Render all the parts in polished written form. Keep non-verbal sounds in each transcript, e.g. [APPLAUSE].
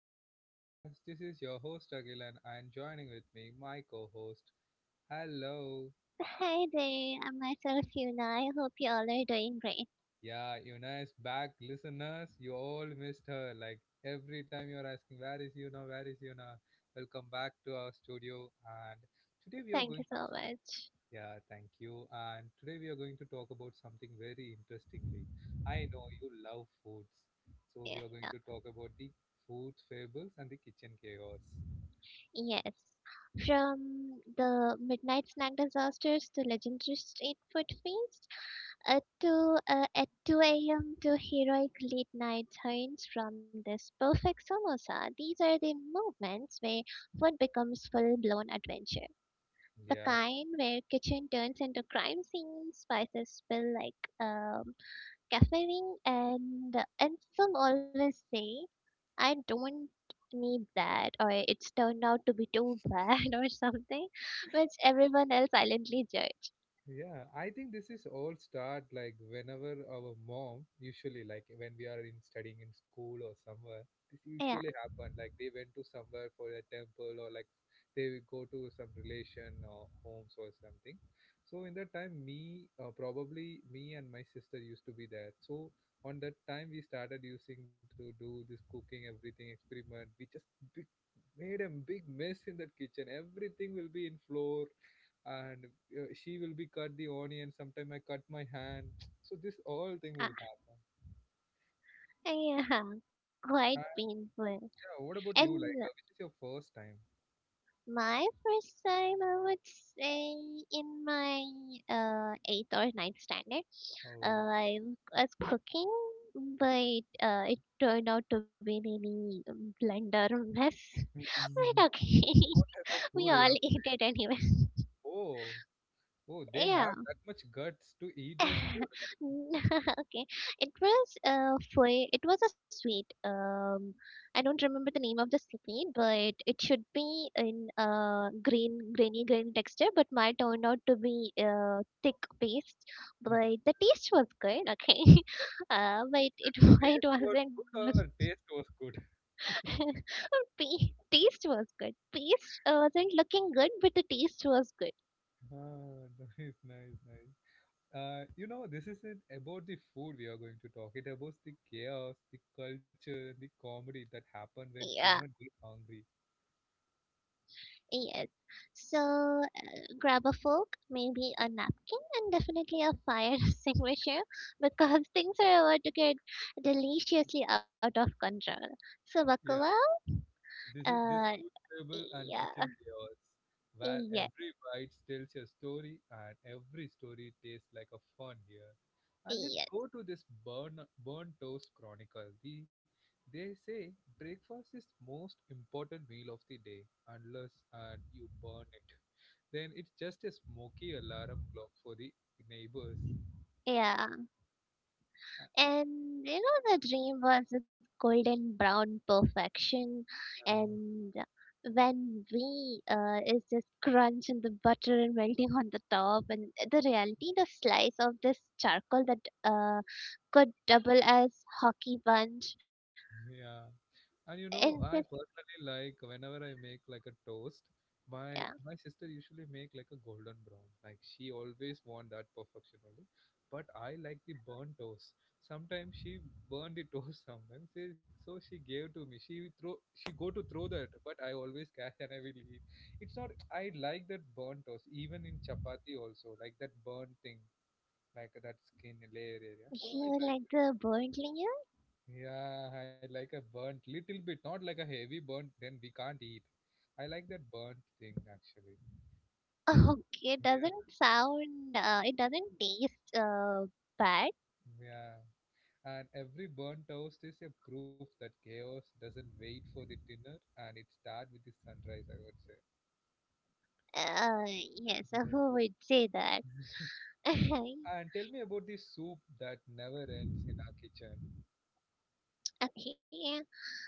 of my podcast. This is your host Agilan and joining with me my co-host. Hello. Hi there, I'm myself Yuna. I hope you all are doing great. Yeah, Yuna is back. Listeners, you all missed her. Like every time you're asking where is Yuna, where is Yuna? Welcome back to our studio and today we are Thank going you to so much. yeah, thank you. And today we are going to talk about something very interestingly. I know you love foods. So we Yeah. are going to talk about the food fables and the kitchen chaos. Yes. From the midnight snack disasters to legendary street food feast, to at 2 a.m. to heroic late night turns from this perfect samosa. These are the moments where food becomes full-blown adventure. The Yeah, kind where kitchen turns into crime scenes, spices spill like um, caffeine, and some always say I don't need that or it's turned out to be too bad [LAUGHS] or something which everyone else silently judge. yeah. I think this is all start like whenever our mom, usually like when we are in studying in school or somewhere, this Yeah, usually happen. Like they went to somewhere for a temple or like they will go to some relation or homes or something. So in that time, me probably me and my sister used to be there. So on that time, we started using to do this cooking, everything experiment. We just big, made a big mess in that kitchen. Everything will be in floor and she will be cut the onion sometime I cut my hand [TSK] so this all thing uh, will happen yeah, [LAUGHS] quite and painful. yeah what about you And like which is your first time. my first time I would say in my eighth or ninth standard, Oh. I was cooking, but it turned out to be really blunder mess. [LAUGHS] [LAUGHS] But okay. What type of We food all you [LAUGHS] have? ate it anyway. Oh. Oh, they Yeah. have that much guts to eat those food. [LAUGHS] Okay. It was a sweet. I don't remember the name of the sweet, but it should be in green grainy green texture, but mine turned out to be thick paste. But the taste was good, okay. [LAUGHS] But it [LAUGHS] it Taste was good or wasn't. taste was good? [LAUGHS] Taste was good. Paste wasn't looking good, but the taste was good. [LAUGHS] Ah, nice nice nice. You know, this isn't about the food we are going to talk. It about the chaos, the culture, the comedy that happen when Yeah. human get hungry. Yes. So grab a fork, maybe a napkin, and definitely a fire [LAUGHS] extinguisher, because things are about to get deliciously out of control. So buckle up. This is this Uh, food table and yeah, kitchen chaos, where yeah, every bite tells a story and every story tastes like a fun here. And let's yeah, go to this burn toast chronicle. The they say breakfast is most important meal of the day unless and you burn it. Then it's just a smoky alarm clock for the neighbors. yeah. Uh, And the dream was this golden brown perfection. yeah. And when we is just crunch and the butter and melting on the top, and the reality, the slice of this charcoal that uh, could double as hockey punch. Yeah. And you know, And I this, personally like whenever I make like a toast, my yeah, my sister usually make like a golden brown. Like she always want that perfection only. But I like the burnt toast. Sometimes she burn the [LAUGHS] toast sometimes. So she gave to me. She go to throw that, but I always catch and I will eat. It's not I like that burnt toast, even in chapati also, like that burnt thing, like that skin layer area. So I you like like the burnt layer? yeah, I like a burnt little bit, not like a heavy burnt, then we can't eat. I like that burnt thing actually. [LAUGHS] Okay, it Yeah, doesn't sound, it doesn't taste bad. yeah. And every burnt toast is a proof that chaos doesn't wait for the dinner and it starts with the sunrise, I would say. Yes, [LAUGHS] Yes. who would say that? [LAUGHS] [LAUGHS] And tell me about the soup that never ends in our kitchen. Okay.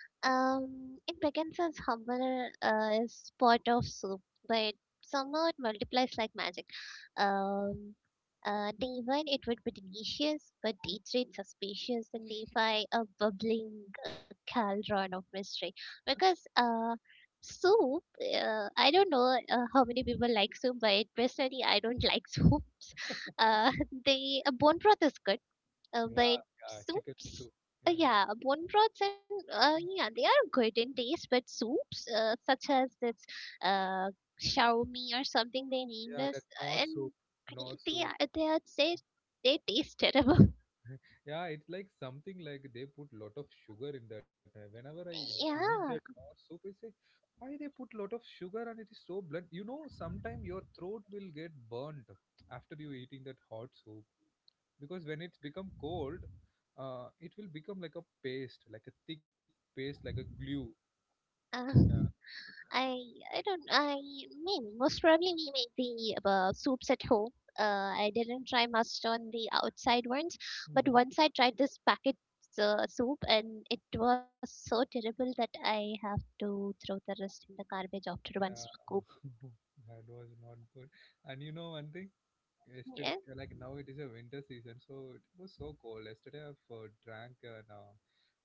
It begins as humble is pot of soup, but somehow it multiplies like magic. Um, Day one, it would be delicious, but day three, it's suspicious, and day five, a bubbling cauldron of mystery. Because soup, I don't know how many people like soup, but personally, I don't like [LAUGHS] soups. Uh, they Bone broth is good, but Yeah, yeah, chicken soups, soup. Yeah, yeah, bone broths, and yeah, they are good in taste, but soups such as this uh shawarma or something they in yeah, English, that Nor and soup, Nor they soup. are they are say they taste terrible. [LAUGHS] Yeah, it's like something like they put lot of sugar in that. Whenever I eat that Yeah, hot soup, I say, why they put lot of sugar and it is so blunt. You know, sometime your throat will get burnt after you eating that hot soup because when it's become cold, it will become like a paste, like a thick paste, like a glue. uh, Yeah. I I don't, I mean most probably we make the soups at home. I didn't try much on the outside ones, but Hmm. once I tried this packet soup, and it was so terrible that I have to throw the rest in the garbage after one Yeah, scoop. [LAUGHS] that was not good. And you know one thing, yesterday Yeah, like now it is a winter season so it was so cold yesterday I've drank an uh,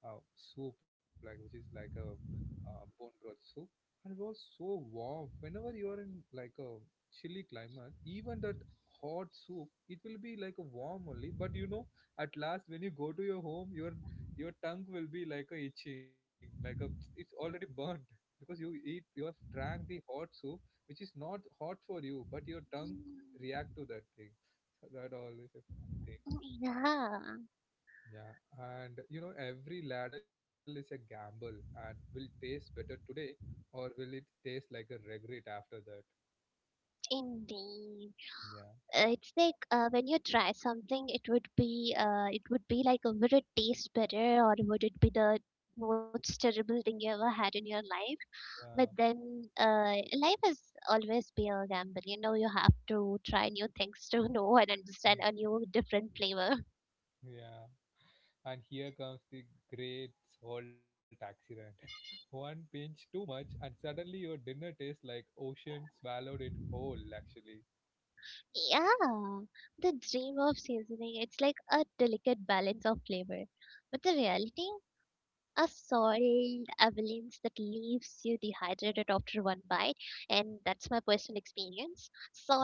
uh, soup like which is like a bone broth soup and it was so warm whenever you are in like a chilly climate even that hot soup it will be like a warm only but you know at last when you go to your home your tongue will be like a itching like a it's already burnt because you have drank the hot soup which is not hot for you but your tongue react to that thing. So that always a fun thing. yeah, Yeah, and you know, every ladle is a gamble and will taste better today, or will it taste like a regret after that? indeed. Yeah. It's like when you try something, it would be it would be like, would it taste better or would it be the most terrible thing you ever had in your life? But Yeah, then life is always be a gamble. You have to try new things to [LAUGHS] know and understand Mm, a new different flavor. yeah. And here comes the great salt accident. [LAUGHS] One pinch too much, and suddenly your dinner tastes like ocean swallowed it whole, actually. Yeah, the dream of seasoning, it's like a delicate balance of flavor. But the reality, a soiled avalanche that leaves you dehydrated after one bite, and that's my personal experience.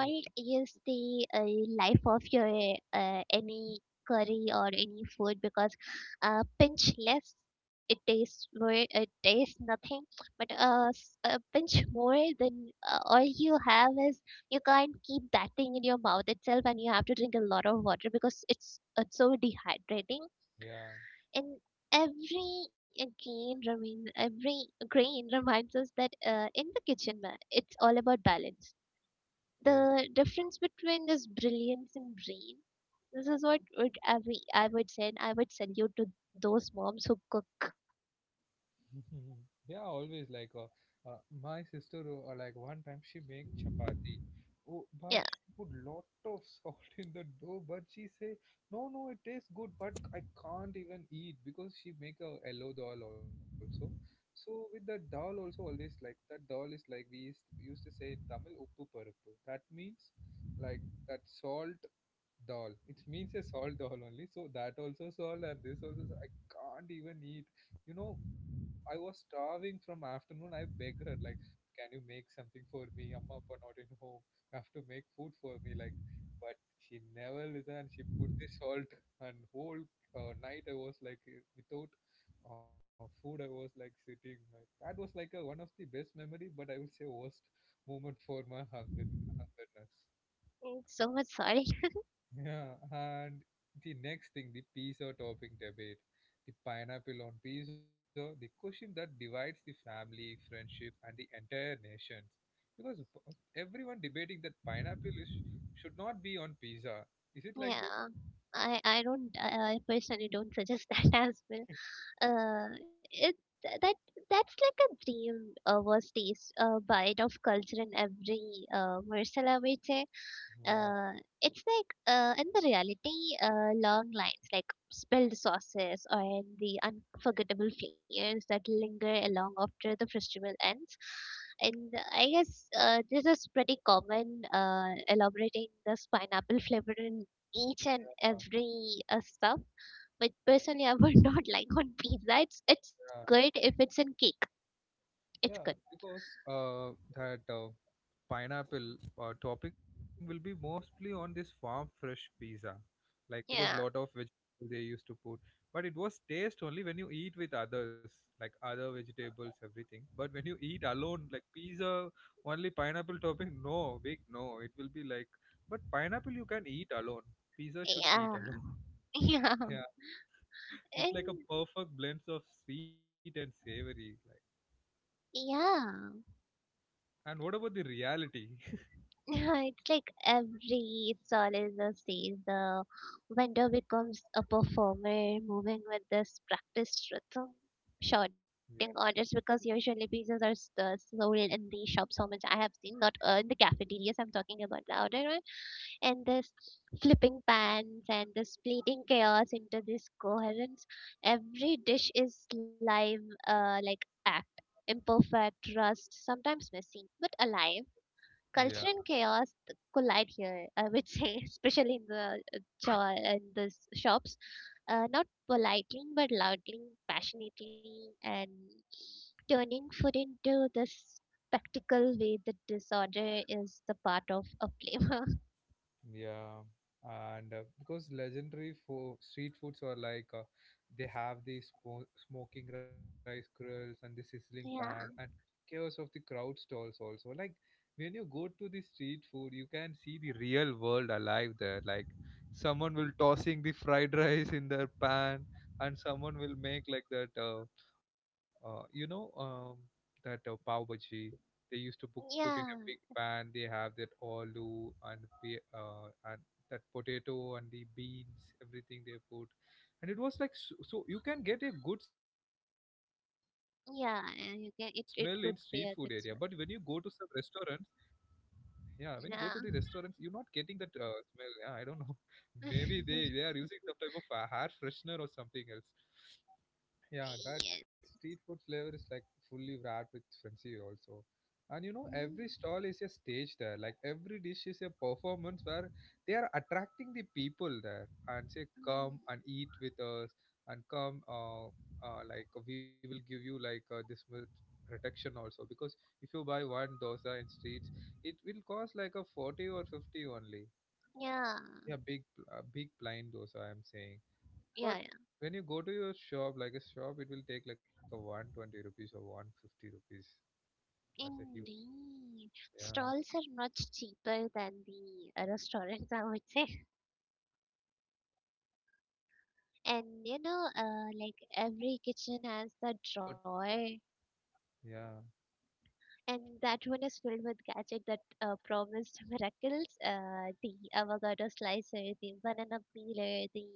Oh, is the life of your any curry or any food, because a pinch less, it tastes more, it tastes nothing, but a pinch more than, all you have is you can't keep that thing in your mouth itself, and you have to drink a lot of water because it's so dehydrating, yeah, and every again remain every grain reminds us that, in the kitchen, it's all about balance, yes. the difference between this brilliance and brain. This is what I would say, and I would salute to those moms who cook. [LAUGHS] Yeah, always like uh, my sister like one time she make chapati. Oh, but Yeah, she put lot of salt [LAUGHS] in the dough. But she say no, no, it tastes good, but I can't even eat because she make a yellow dal also. So with that dal also always like that dal is like used to say in Tamil uppu parappu. That means like that salt Dal. It means a salt dal only. So that also salt and this also salt. I can't even eat. You know, I was starving from afternoon. I begged her like, "Can you make something for me? Amma appa not in home. You have to make food for me." Like, but she never listened. She put the salt and whole night I was like without food. I was like sitting. Like, that was like a one of the best memory, but I will say worst moment for my hungerness. I'm so much sorry. Yeah, and the next thing, the pizza topping debate, the pineapple on pizza, the question that divides the family, friendships, and the entire nations. Because everyone debating that pineapple is, should not be on pizza. Is it like that? Yeah, I don't, I personally don't suggest [LAUGHS] that as well. It that That's like a dream, was taste bite of culture in every morsel, I would say. uh, it's like, in the reality, long lines like spilled sauces or the unforgettable flavors that linger along after the festival ends. And I guess this is pretty common. Elaborating this pineapple flavor in each and Yeah. every stuff, but personally, I would [LAUGHS] not like on pizza. It's good if it's in cake. It's good. Yeah, because that pineapple topping will be mostly on this farm fresh pizza, like because Yeah, lot of vegetables they used to put. But it was taste only when you eat with others, like other vegetables, everything. But when you eat alone, like pizza, only pineapple topping, no, big no. It will be like, but pineapple you can eat alone. Pizza should eat yeah, alone. [LAUGHS] [LAUGHS] yeah, Yeah, and it's like a perfect blend of sweet and savory. Like, yeah. [LAUGHS] and what about the reality? It's like every soldier says, the vendor becomes a performer, moving with this practiced rhythm, shorting orders, [LAUGHS] because usually pizzas are sold in the shops. How much I have seen, not in the cafeterias. I'm talking about the outer, and this flipping pans and the splitting chaos into this coherence. Every dish is live, like act, imperfect, rust, sometimes messy, but alive. Culture Yeah. and chaos collide here, I would say, [LAUGHS] especially in the shops, not politely but loudly, passionately, and turning food into this spectacle way that disorder is the part of a flavor. [LAUGHS] Yeah, and because legendary fo street foods are like they have these spo smoking rice grills and the sizzling pan and Yeah. chaos of the crowd stalls also like when you go to the street food you can see the real world alive there like someone will tossing the fried [LAUGHS] rice in their pan and someone will make like that you know that pav bhaji they used to put in a Yeah, big pan they have that aloo and and that potato and the beans everything they put and it was like so, so you can get a good smell in street food area but when you go yeah, to some and you can it restaurants it could be a good one. yeah, when you go to the restaurants, you're not getting that Yeah. Smell. Yeah, I don't know. [LAUGHS] Maybe they are using some type [LAUGHS] of hair freshener or something else. Yeah, that street Yes. food flavor is like fully wrapped with frenzy also. And you know, every Mm, stall is a stage there. Like every dish is a performance where they are attracting the people there and say, come and mm. eat with us and come, like we will give you like this much protection also. Because if you buy one dosa in streets, it will cost like a 40 or 50 only. Yeah, Yeah, big plain dosa, I'm saying. But yeah, yeah. when you go to your shop, like a shop, it will take like a 120 rupees or 150 rupees. That's a huge, Indeed. yeah. Stalls are much cheaper than the restaurants, [LAUGHS] I would say. Ah, ah, you know, I've traveled to the North [LAUGHS] India. And They say, like every kitchen has the drawer, yeah, and that one is filled with gadget that promised [LAUGHS] miracles. The avocado slicer, the banana peeler, the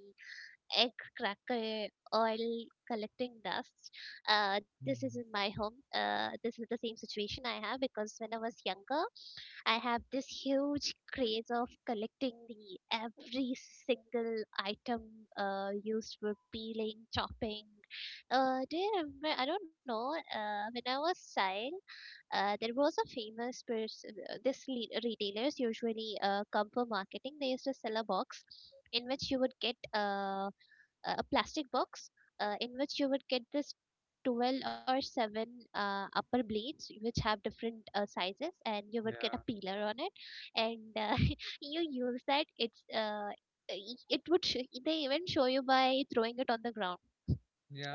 egg cracker oil collecting dust. This Mm, is in my home. This is the same situation I have, because when I was younger, I have this huge craze of collecting the every single item used for peeling, chopping. Do you remember? I don't know. When I was child. There was a famous person, retailers usually come for marketing. They used to sell a box in which you would get a plastic box, in which you would get this 12 or 7 upper blades which have different sizes, and you would get a yeah, peeler on it, and [LAUGHS] you use that, it's i- it would sh- they even show you by throwing it on the ground,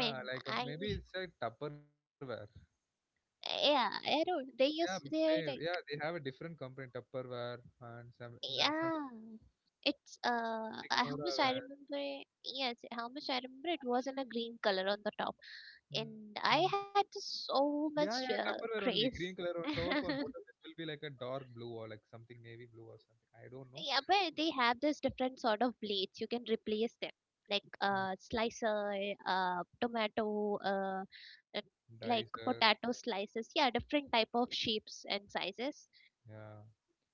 and like I maybe it's like Tupperware. yeah I don't they Yeah, use may, yeah, they they have a different company, Tupperware and some, that, some Yeah, how much I Signoraware. remember. Yes, how much I remember. It was in a green color on the top, Mm. and I had just Yeah, so yeah, much Tupperware only. Green craze. color on top, on bottom [LAUGHS] it will be like a dark blue or like something navy blue or something. I don't know. Yeah, but they have this different sort of blades. You can replace them, like Uh, slicer, tomato, Dicer, like potato slices. Yeah, different type of shapes and sizes. yeah.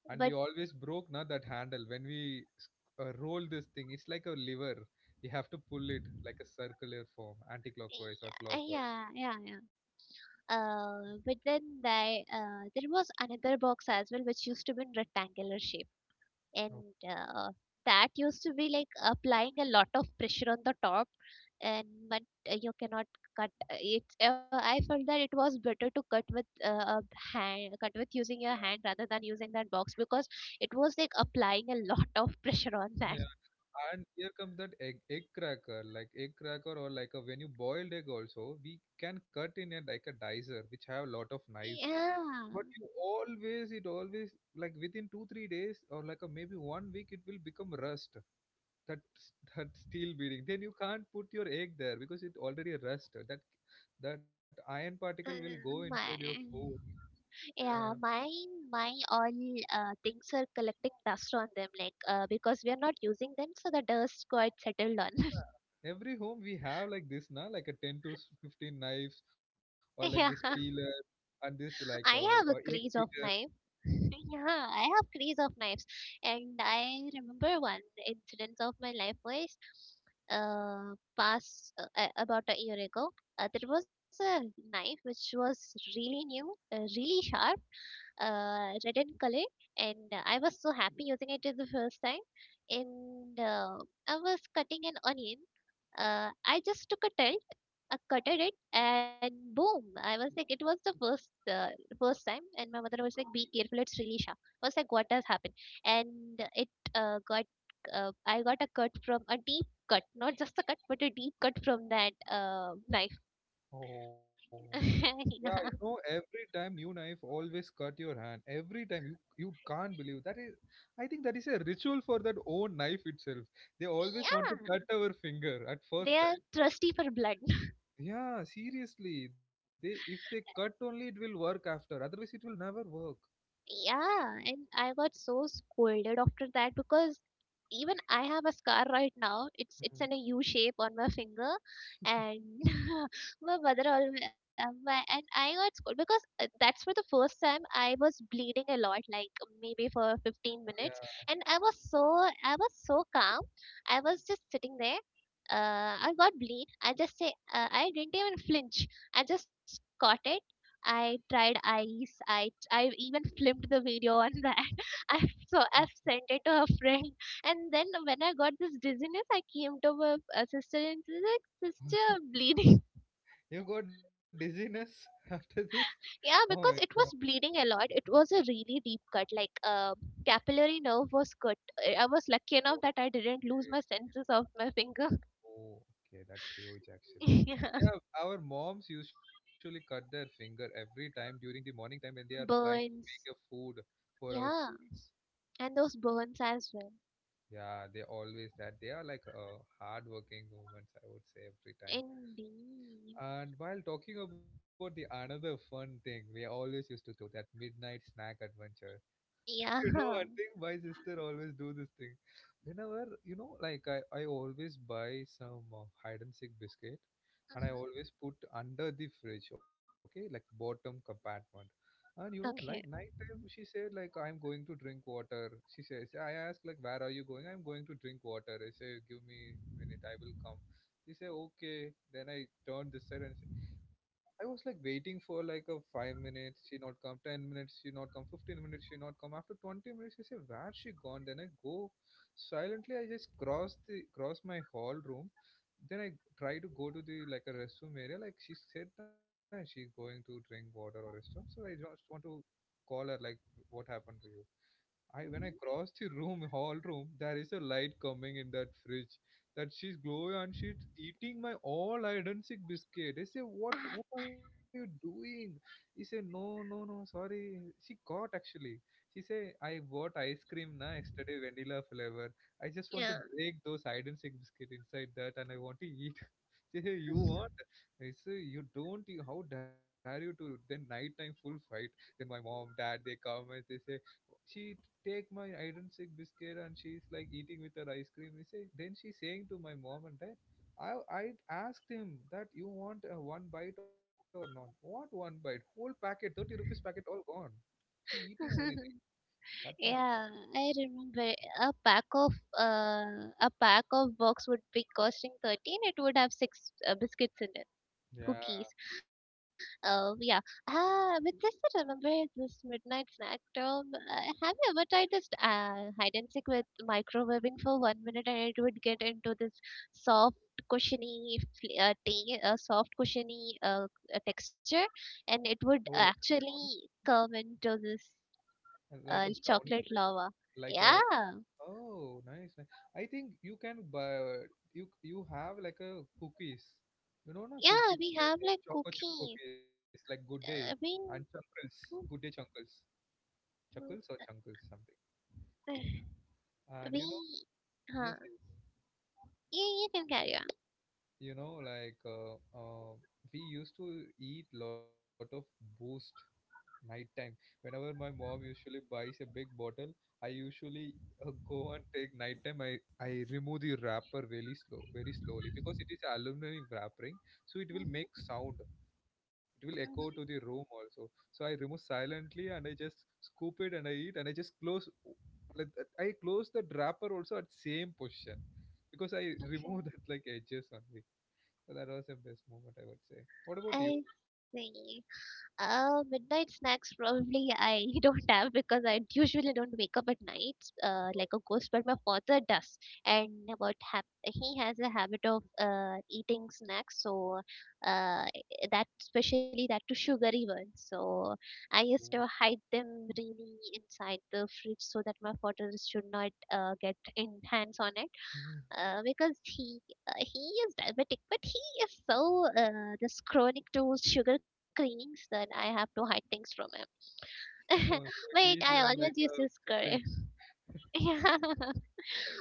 And we But always broke na that handle when we roll this thing. It's like a lever. You have to pull it like a circular form, anti-clockwise or yeah, clockwise. yeah, yeah, yeah. There was another box as well which used to be in rectangular shape, and Oh, uh, that used to be like applying a lot of pressure on the top, and but you cannot cut, it I felt that it was better to cut with, using your hand yeah. rather than using that box, because it was like applying a lot of [LAUGHS] pressure on that. Yeah. And here comes that egg cracker, like egg cracker or like a when you boiled egg also, we can cut in it like a dicer, which have a lot of knives. Yeah, But you always, it always like within two, three days or like a maybe one week, it will become rust. that that steel beading, then you can't put your egg there because it already rust. That iron particle will go my inside your food. Yeah, my all things are collecting dust on them, like, because we are not using them, so the dust quite settled on. Yeah, every home we have like this now, like a 10 to 15 knives, or like this [LAUGHS] Yeah, peeler, and this like a, I have a egg craze of beater. knife. [LAUGHS] Yeah, I have craze of knives, and I remember one incident of my life was about a year ago. There was a knife which was really new, really sharp, red in color, and I was so happy using it the first time. And I was cutting an onion. I just took a tilt, I cutted it, and boom! I was like, it was the first time, and my mother was like, be careful, it's really sharp. I was like, what has happened? And it got I got a cut from, a deep cut, not just a cut but a deep cut from that knife. Oh, [LAUGHS] yeah, you Yeah. know, every time new knife always cut your hand every time you. You can't believe that is. I think that is a ritual for that own knife itself. They always want Yeah, to cut our finger at they first. are thirsty for blood. Yeah, seriously. They, if they [LAUGHS] cut only, it will work after. Otherwise it will never work. Yeah, and I got so scolded after that, because even I have a scar right now. It's Mm. in a U shape on my finger, and [LAUGHS] my mother always my, and I got scolded because, that's for the first time I was bleeding a lot, like maybe for fifteen Yeah. minutes, and I was so calm. I was just sitting there. I got bleed. I just say, I didn't even flinch. I just caught it. I tried ice. I even filmed the video on that. [LAUGHS] I so I've Mm. sent it to a friend, and then when I got this dizziness, I came to my sister and she's like, "Sister, I'm bleeding." [LAUGHS] You got dizziness [LAUGHS] after this? Yeah, Oh my because it god. was bleeding a lot. It was a really deep cut. Like, capillary nerve was cut. I was lucky enough that I didn't lose Okay. my senses of my finger. Oh, okay, that's huge [LAUGHS] actually. Yeah. Yeah, our moms usually cut their finger every time during the morning time when they are trying to Burns. make a food for our Yeah. schools. And those burns as well. Yeah, they always that they are like hardworking women, I would say, every time. Indeed. And while talking about the another fun thing we always used to do, that midnight snack adventure. Yeah. You know, I think my sister always do this thing. Whenever, you know, like I always buy some hide and seek biscuit, and I Mhm. always put under the fridge, okay, like bottom compartment. And you know, like Okay. night time, she said like, I'm going to drink water. She says, I asked like, where are you going? I'm going to drink water. I say, give me a minute, I will come. She said, okay. Then I turned this side, and I was like waiting for like a 5 minutes, she not come, 10 minutes, she not come, 15 minutes, she not come. After 20 minutes, she say, where she gone? Then I go silently, I just cross the cross my hall room. Then I try to go to the like a restroom area. Like she said that she's going to drink water or restroom. So I just want to call her like, what happened to you. I when I Mhm. cross the room, hall room, there is a light coming in that fridge. That she's glowing and she's eating my all hide sick biscuit. I say, what Ah, are you doing? He said, no, no, no, sorry. She caught actually. She say, I bought ice cream na yesterday, vanilla flavor. I just want to yeah. break those hide and seek biscuit inside that, and I want to eat. [LAUGHS] She say, you want? I say, you don't. You, how dare you to? Then night time full fight. Then my mom, dad, they come and they say she take my iron sick biscuit and she's like eating with her ice cream. We say, then she's saying to my mom and dad, I asked him that you want a one bite or not. What one bite? Whole packet, 30 rupees packet, all gone. She eating everything. [LAUGHS] That much. Yeah, I remember a pack of box would be costing 13. It would have six biscuits in it. Cookies. Yeah. Oh yeah. Ah, with this, I remember this midnight snack term. Have you ever tried this hide and seek with microwaving for 1 minute and it would get into this soft, soft, cushiony texture, Oh, and it like a would brownie. actually come into this And like a brownie chocolate flavor. lava. Like a, Yeah, oh, nice, nice. I think you can buy, you have like a cookies. You know, na yeah, cookies. we Yeah, have same like choco chip cookie. cookies, like Good Uh, I Day mean, and Chunkles. Good Day Chunkles. Chuckles or Chunkles, something. Yeah. [SIGHS] And we, you know, huh, yes, yes. yeah, you can carry on. You know, like uh, we used to eat lot of boost night time. Whenever my mom usually buys a big bottle, I usually go and take night time. I remove the wrapper really slow, very slowly, because it is aluminum wrapping. So it will make Mhm, sound, it will echo to the mhm. room also. So I remove silently, and I just scoop it and I eat, and I just close like that. I close the wrapper also at same position, because I [LAUGHS] Okay, remove that like edges only. So that was the best moment, I would say. What about you? I see. Midnight snacks probably I [LAUGHS] don't have because I usually don't wake up at night, like a ghost, but my father does. And about hap he has a habit of eating snacks, so uh, that especially that to sugary ones. So I Oh. used to hide them really inside the fridge so that my father should not get in hands on it. [LAUGHS] Because he is diabetic, but he is so this chronic to sugar cravings that I have to hide things from Huh, him. [LAUGHS] [LAUGHS] so Wait, he's I very your always like used a to scare him. sibling. [LAUGHS] Yeah,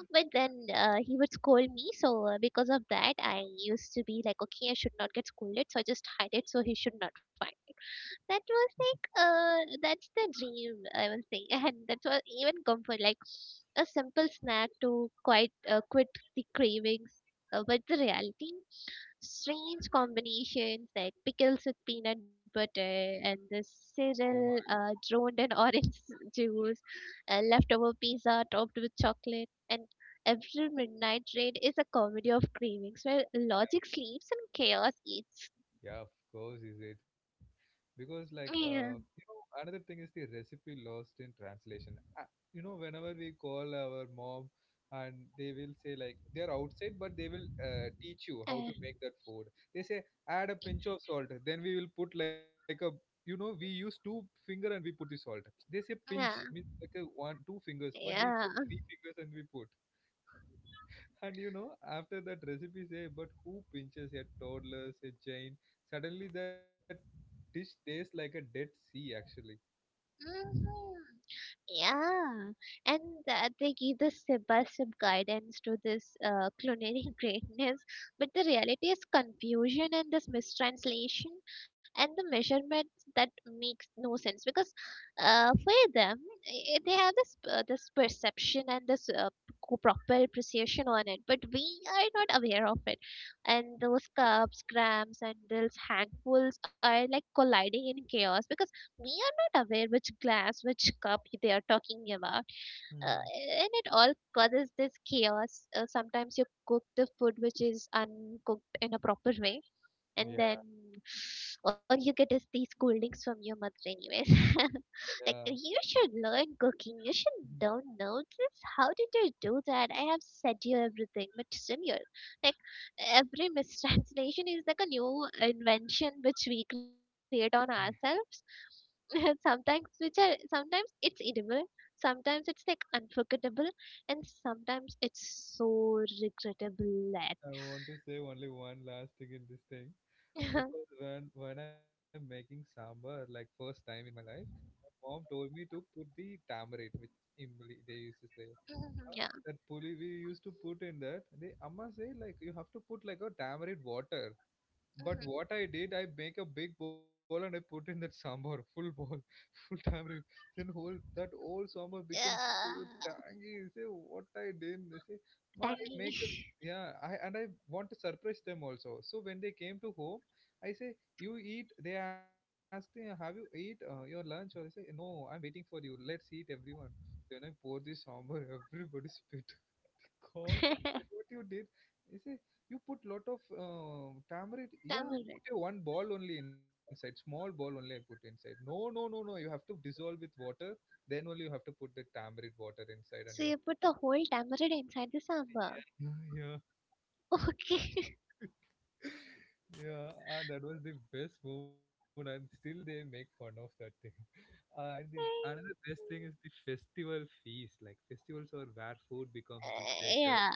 but then he would scold me, so because of that, I used to be like, okay, I should not get scolded, so I just hide it so he should not find me. That was like that's the dream I will say, [LAUGHS] and that was even comfort, like a simple snack to quit the cravings, but the reality, strange combinations like pickles with peanut butter and this Oh my, cereal droned in orange [LAUGHS] juice, leftover pizza topped with chocolate. And every midnight raid is a comedy of cravings where logic sleeps and chaos eats. yeah, of course is it. Because like yeah you know, another thing is the recipe lost in translation. Uh, you know, whenever we call our mom, and they will say like they are outside, but they will teach you how to uh, make that food. They say, add a pinch of salt. Then we will put like a, you know, we use two finger and we put the salt. They say pinch yeah means like a one two fingers, but we yeah put three fingers and we put. And you know, after that recipe say, but who pinches a toddler's a chain? Suddenly that dish tastes like a dead sea actually. Mhm. Yeah, and they give the step by step guidance to this culinary [LAUGHS] greatness, but the reality is confusion and this mistranslation, and the measurements that makes no sense because for them they have this this perception and this proper precision on it, but we are not aware of it, and those cups, grams, and those handfuls are like colliding in chaos because we are not aware which glass, which cup they are talking about. Uh, Hmm. and it all causes this chaos. Sometimes you cook the food which is uncooked in a proper way, and Yeah. then all you get is these scoldings from your mother anyways. [LAUGHS] Like, Yeah. you should learn cooking, you should don't know this, how did you do that, I have said you everything but still you're like. Every mistranslation is like a new invention which we create on [LAUGHS] ourselves. [LAUGHS] sometimes which are sometimes it's edible, sometimes it's like unforgettable, and sometimes it's so regrettable I want to say only one last thing in this thing, that. because when I'm making sambar like first time in my life, my mom told me to put the tamarind, which imli they used to say. [LAUGHS] Uh, Yeah. that puli we used to put in that. The amma say like you have to put like a tamarind water. But what I did, I make a big bowl and I put in that sambar, full bowl, [LAUGHS] full tamarind. Yeah, Then whole that whole sambar becomes so tangy. Say what I did. They say, tangy. Ma, I make a yeah. I and I want to surprise them also. So when they came to home, I say, you eat. They ask me, have you eat your lunch? Or I say, no, I'm waiting for you. Let's eat everyone. Then I pour this sambar. [LAUGHS] Everybody spit. God, [LAUGHS] what you did? You see, you put lot of tamarind. Yeah, Tamarind. put a one ball only inside, small ball only. I put inside. No, no, no, no. You have to dissolve with water. Then only you have to put the tamarind water inside, and So you. you put the whole tamarind inside the sambar. [LAUGHS] Yeah, Okay. [LAUGHS] yeah, [LAUGHS] yeah. And that was the best moment, and still they make fun of that thing. [LAUGHS] And the another best thing is the festival feast. Like festivals are where food becomes the theater, yeah.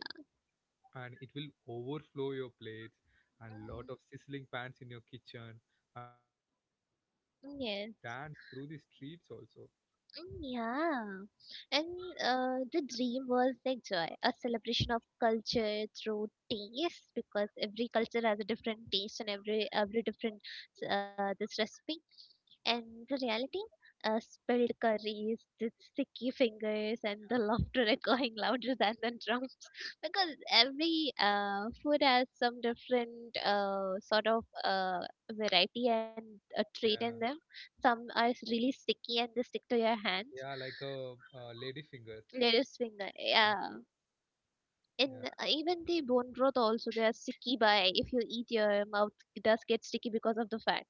and it will overflow your plates, and lot of sizzling pans in your kitchen, and aromas that dance through Mhm. the streets also. Mm, Yeah, and the dream was like joy, a celebration of culture through taste, because every culture has a different taste and every different this recipe. And the reality, spilled curries, the sticky fingers, and the laughter echoing louder than the drums, [LAUGHS] because every food has some different sort of variety and a Yeah. trait in them some are s- really sticky and they stick to your hands Yeah, like a lady finger sticky. lettuce finger yeah Yeah. and even the bone broth also they are sticky by if you eat your mouth does get sticky because of the fat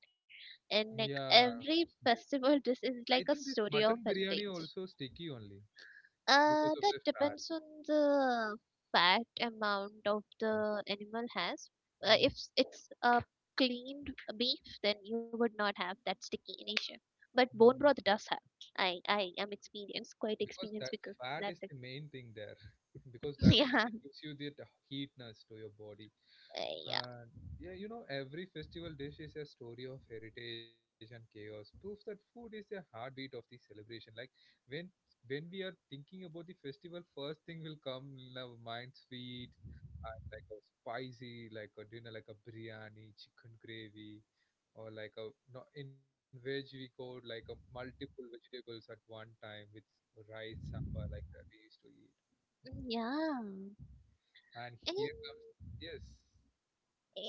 and Yeah. like every Yes. festival this is I like think a this story mutton of biryani heritage also sticky only, because of that the fat. depends on the fat amount of Yeah. the animal has. If Mm, s- it's a cleaned beef, then you would not have that sticky in nature. But mm. bone broth does have. I am experienced, quite Because experienced that because fat that's is it. the main thing there. [LAUGHS] Because [LAUGHS] that's what yeah, it gives you that heatness to your body. Yeah, And yeah, you know, every festival dish is a story of heritage and chaos. Proof that food is a heartbeat of the celebration. Like when when we are thinking about the festival, first thing will come in our mind sweet, and like a spicy, like a dinner, like a biryani, chicken gravy, or like a no, in veg we go like a multiple vegetables at one time with rice sambar, like that we used to eat. Mm, yeah. And And here comes yes,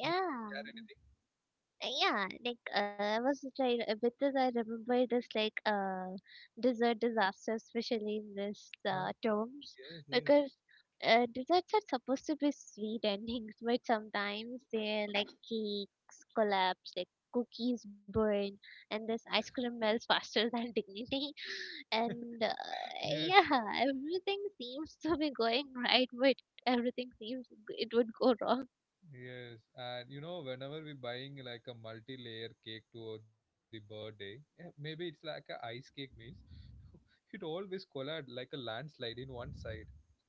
you want to share anything? Yeah, like I was trying because I remember this like dessert disaster, especially in this terms, Yes, yes. because desserts are supposed to be sweet endings, but sometimes they're like cakes collapse, like cookies burn, and this ice cream melts faster [LAUGHS] than dignity, [LAUGHS] and Yes, yeah, everything seems to be going right, but everything seems it would go wrong. yes. And you know, whenever we're buying like a multi-layer cake to the birthday, eh, maybe it's like a ice cake means [LAUGHS] it always collide like a landslide in one side.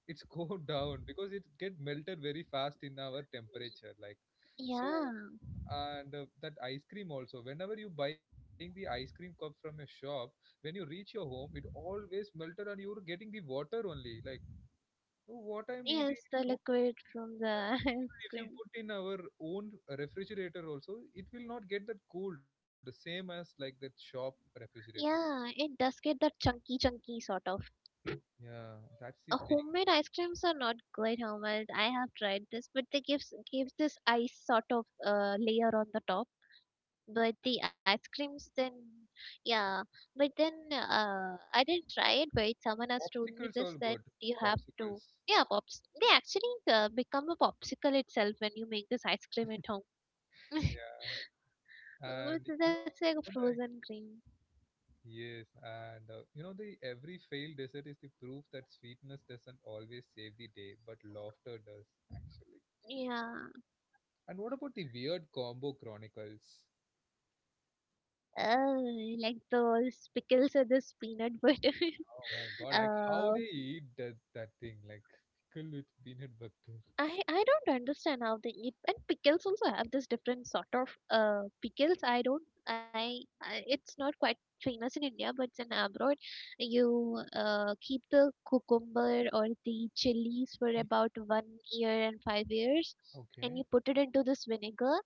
It's go [LAUGHS] down because it get melted very fast in our temperature. Like, Yeah. so, and that ice cream also. Whenever you buying the ice cream cup from a shop, when you reach your home, it always melted and you're getting the water only. Like, oh, what I'm eating. Yes, the No. liquid from the [LAUGHS] Even ice if you cream. put in our own refrigerator also, it will not get that cold same as like that shop refrigerator. Yeah, it does get that chunky, chunky sort of. Yeah, that's the thing. Homemade ice creams are not good, homemade. I have tried this, but they gives this ice sort of layer on the top. Huh, yes, yes, But yes. the ice creams, then yeah. But then I didn't try it. But someone has told me Popsicles are this that good. you have to. Popsicles. Yeah, pops. They actually become a popsicle itself when you make this ice cream at home. [LAUGHS] Yeah, With- and you know That's like a like, frozen cream. yes, and you know, the every failed dessert is the proof that sweetness doesn't always save the day, but laughter does, actually. Yeah. And what about the weird combo chronicles? Oh, like those pickles or this peanut butter. Oh my [LAUGHS] god, like how uh, they eat that thing, like pickle with peanut butter. I don't understand how they eat. And pickles also have this different sort of pickles. I don't. I, it's not quite famous in India, but it's in abroad. You keep the cucumber or the chilies for about 1 year and 5 years, Okay. and you put it into this vinegar.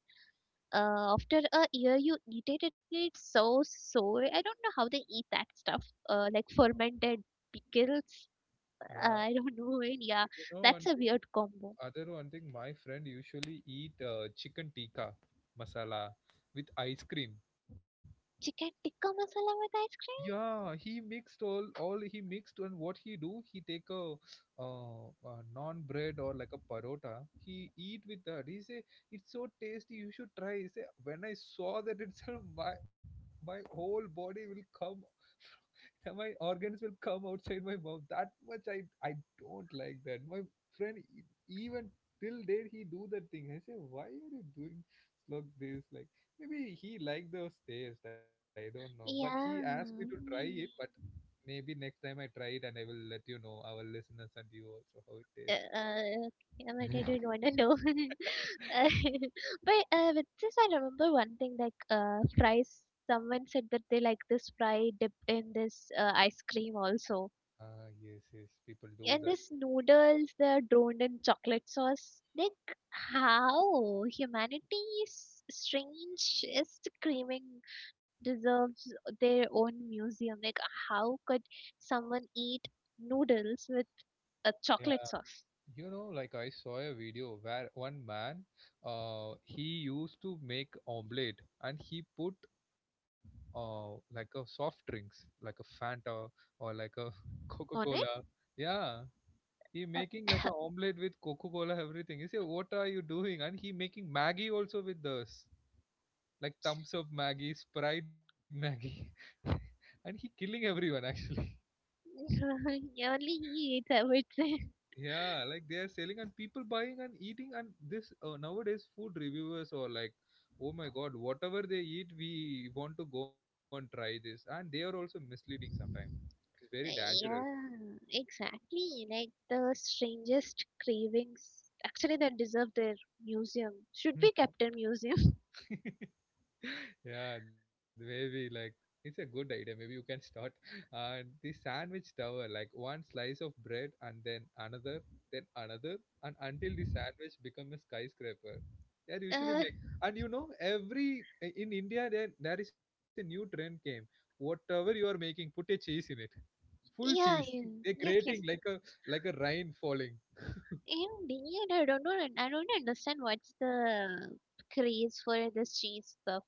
After a year you eat it and it's so soy. I don't know how they eat that stuff, like fermented pickles. Yeah, I don't [LAUGHS] know. And yeah, you know that's one a thing. weird combo. Other one thing, my friend usually eat chicken tikka masala with ice cream. Chicken tikka masala with ice cream? Yeah, he mixed all he mixed, and what he do, he take a non bread or like a parota. He eat with that. He say it's so tasty. You should try. He say when I saw that itself, my whole body will come [LAUGHS] my organs will come outside my mouth. That much I don't like that. My friend even till date he do that thing. I say, why are you doing like this? Like, maybe he like those taste, I don't know, but he Yeah, asked me to try it. But maybe. maybe next time I try it, and I will let you know our listeners and you also how it Uh, tastes. uh, yeah, but I don't [LAUGHS] wanna know. [LAUGHS] Uh, [LAUGHS] but with this, I remember one thing like fries. Someone said that they like this fry dipped in this ice cream also. Ah, yes, yes, people do And that. this noodles they're drowned in chocolate sauce. Like, how humanity is strange is screaming, deserves their own museum. Like, how could someone eat noodles with a chocolate Yeah. sauce You know, like I saw a video where one man, he used to make omelette, and he put like a soft drinks, like a Fanta or like a [LAUGHS] Coca on it? Cola. Yeah, he Uh, making like a omelette with Coca Cola everything. He say, what are you doing? And he making Maggie also with this, like thumbs up Maggie, Sprite Maggie, [LAUGHS] and he killing everyone actually. [LAUGHS] [LAUGHS] Only he eats, I would say. Yeah, like they are selling and people buying and eating, and this nowadays food reviewers or like, oh my god, whatever they eat we want to go and try this, and they are also misleading sometimes. It's very [LAUGHS] dangerous. Yeah, exactly, like the strangest cravings actually that deserve their museum should be kept in museum. [LAUGHS] [LAUGHS] Yeah, maybe like it's a good idea. Maybe you can start [LAUGHS] and the sandwich tower, like one slice of bread, and then another, then another, and until the sandwich become a skyscraper they usually Uh, make. And you know, every in India there is a new trend came. Whatever you are making, put a cheese in it, full cheese. yeah, yeah. They're Yes, grating yes. like a, like a rain falling. In Benin, I don't know. And I don't understand what's the craze for this cheese stuff.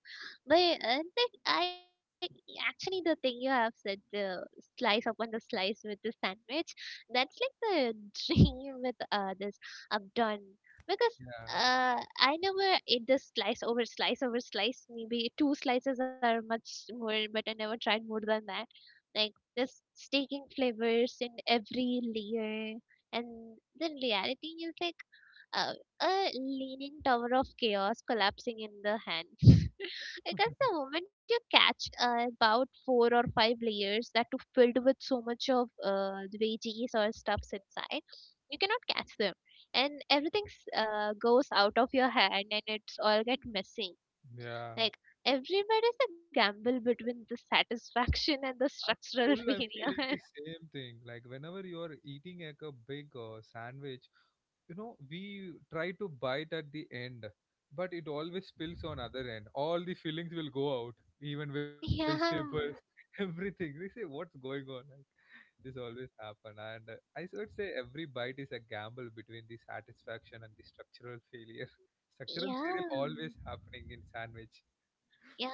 But like, I actually the thing you have said, slice upon the slice with the sandwich. That's like the [LAUGHS] dream with this I've done, because Yeah, I never ate this slice over slice over slice. Maybe two slices are much more, but I never tried more than that, like just taking flavors in every layer. And the reality is like uh, a leaning tower of chaos collapsing in the hand. [LAUGHS] Because the moment you catch about four or five layers that are filled with so much of the veggies or stuffs inside, you cannot catch them and everything goes out of your hand and it's all get messy. yeah. Like, everywhere is a gamble between the satisfaction and the I'm still, structural [LAUGHS] [LAUGHS] I'm feeling the failure. same thing. Like whenever you're eating like a big sandwich, you know, we try to bite at the end, but it always spills on other end. All the fillings will go out, even Yeah, vegetables, [LAUGHS] everything. We say, what's going on? Like this always happen, and would say every bite is a gamble between the satisfaction and the structural failure. [LAUGHS] Structural failure yeah, always happening in sandwich.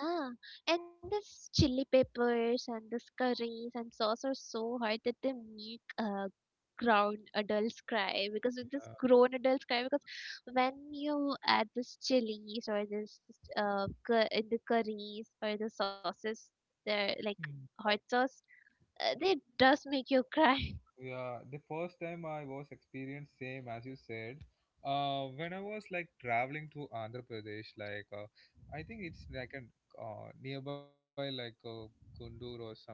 yeah. And this chili peppers and this curries and sauce are so hard that they make [LAUGHS] grown adults cry, because when you add this chilies or this in the curries or the sauces, they're like Yeah. hot sauce. They does make you cry. Yeah, the first time I was experienced same as you said. When I was like traveling to Andhra Pradesh, like I think it's like an nearby like Kundur or something,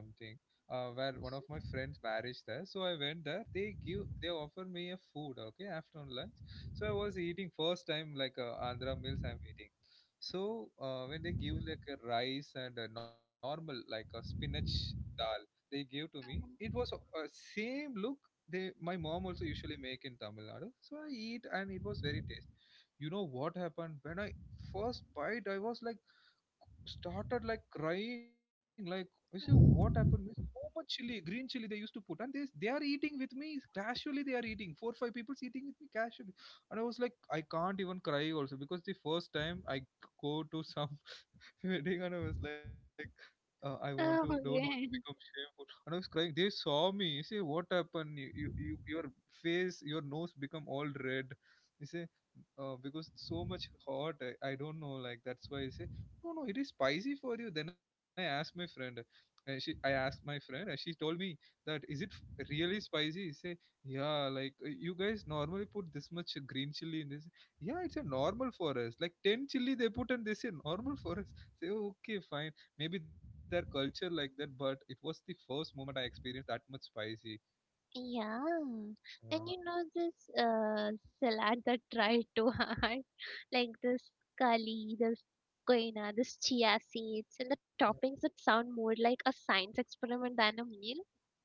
where one of my friends marriage there. So I went there. They offer me a food, okay, afternoon lunch. So I was eating first time like Andhra meals I'm eating. So when they give like a rice and a normal like a spinach dal they gave to me, [LAUGHS] it was a same look they, my mom also usually make in Tamil Nadu. So I eat and it was very tasty. You know what happened when I first bite? I was like started like crying. Like I say, what happened? There's so much chili, green chili they used to put, and they are eating with me casually. They are eating 4-5 people eating with me casually, and I was like I can't even cry also, because the first time I go to some [LAUGHS] wedding and I was like, I want to, Oh, don't want to become yeah. shameful. And I was crying. They saw me. You say, what happened? You your face, your nose become all red. You say, because so much hot. I don't know. Like that's why I say no, no. It is spicy for you. Then I asked my friend. I asked my friend, and she told me, that is it really spicy? I say yeah. Like you guys normally put this much green chili in this. Yeah, it's a normal for us. Like 10 chili they put, and they say normal for us. Say okay, fine, maybe their culture like that, but it was the first moment I experienced that much spicy. Yeah, and Yeah. you know this salad that tried too hard, [LAUGHS] like this kali, this koina, this chia seeds, and the Yeah. toppings that sound more like a science experiment than a meal.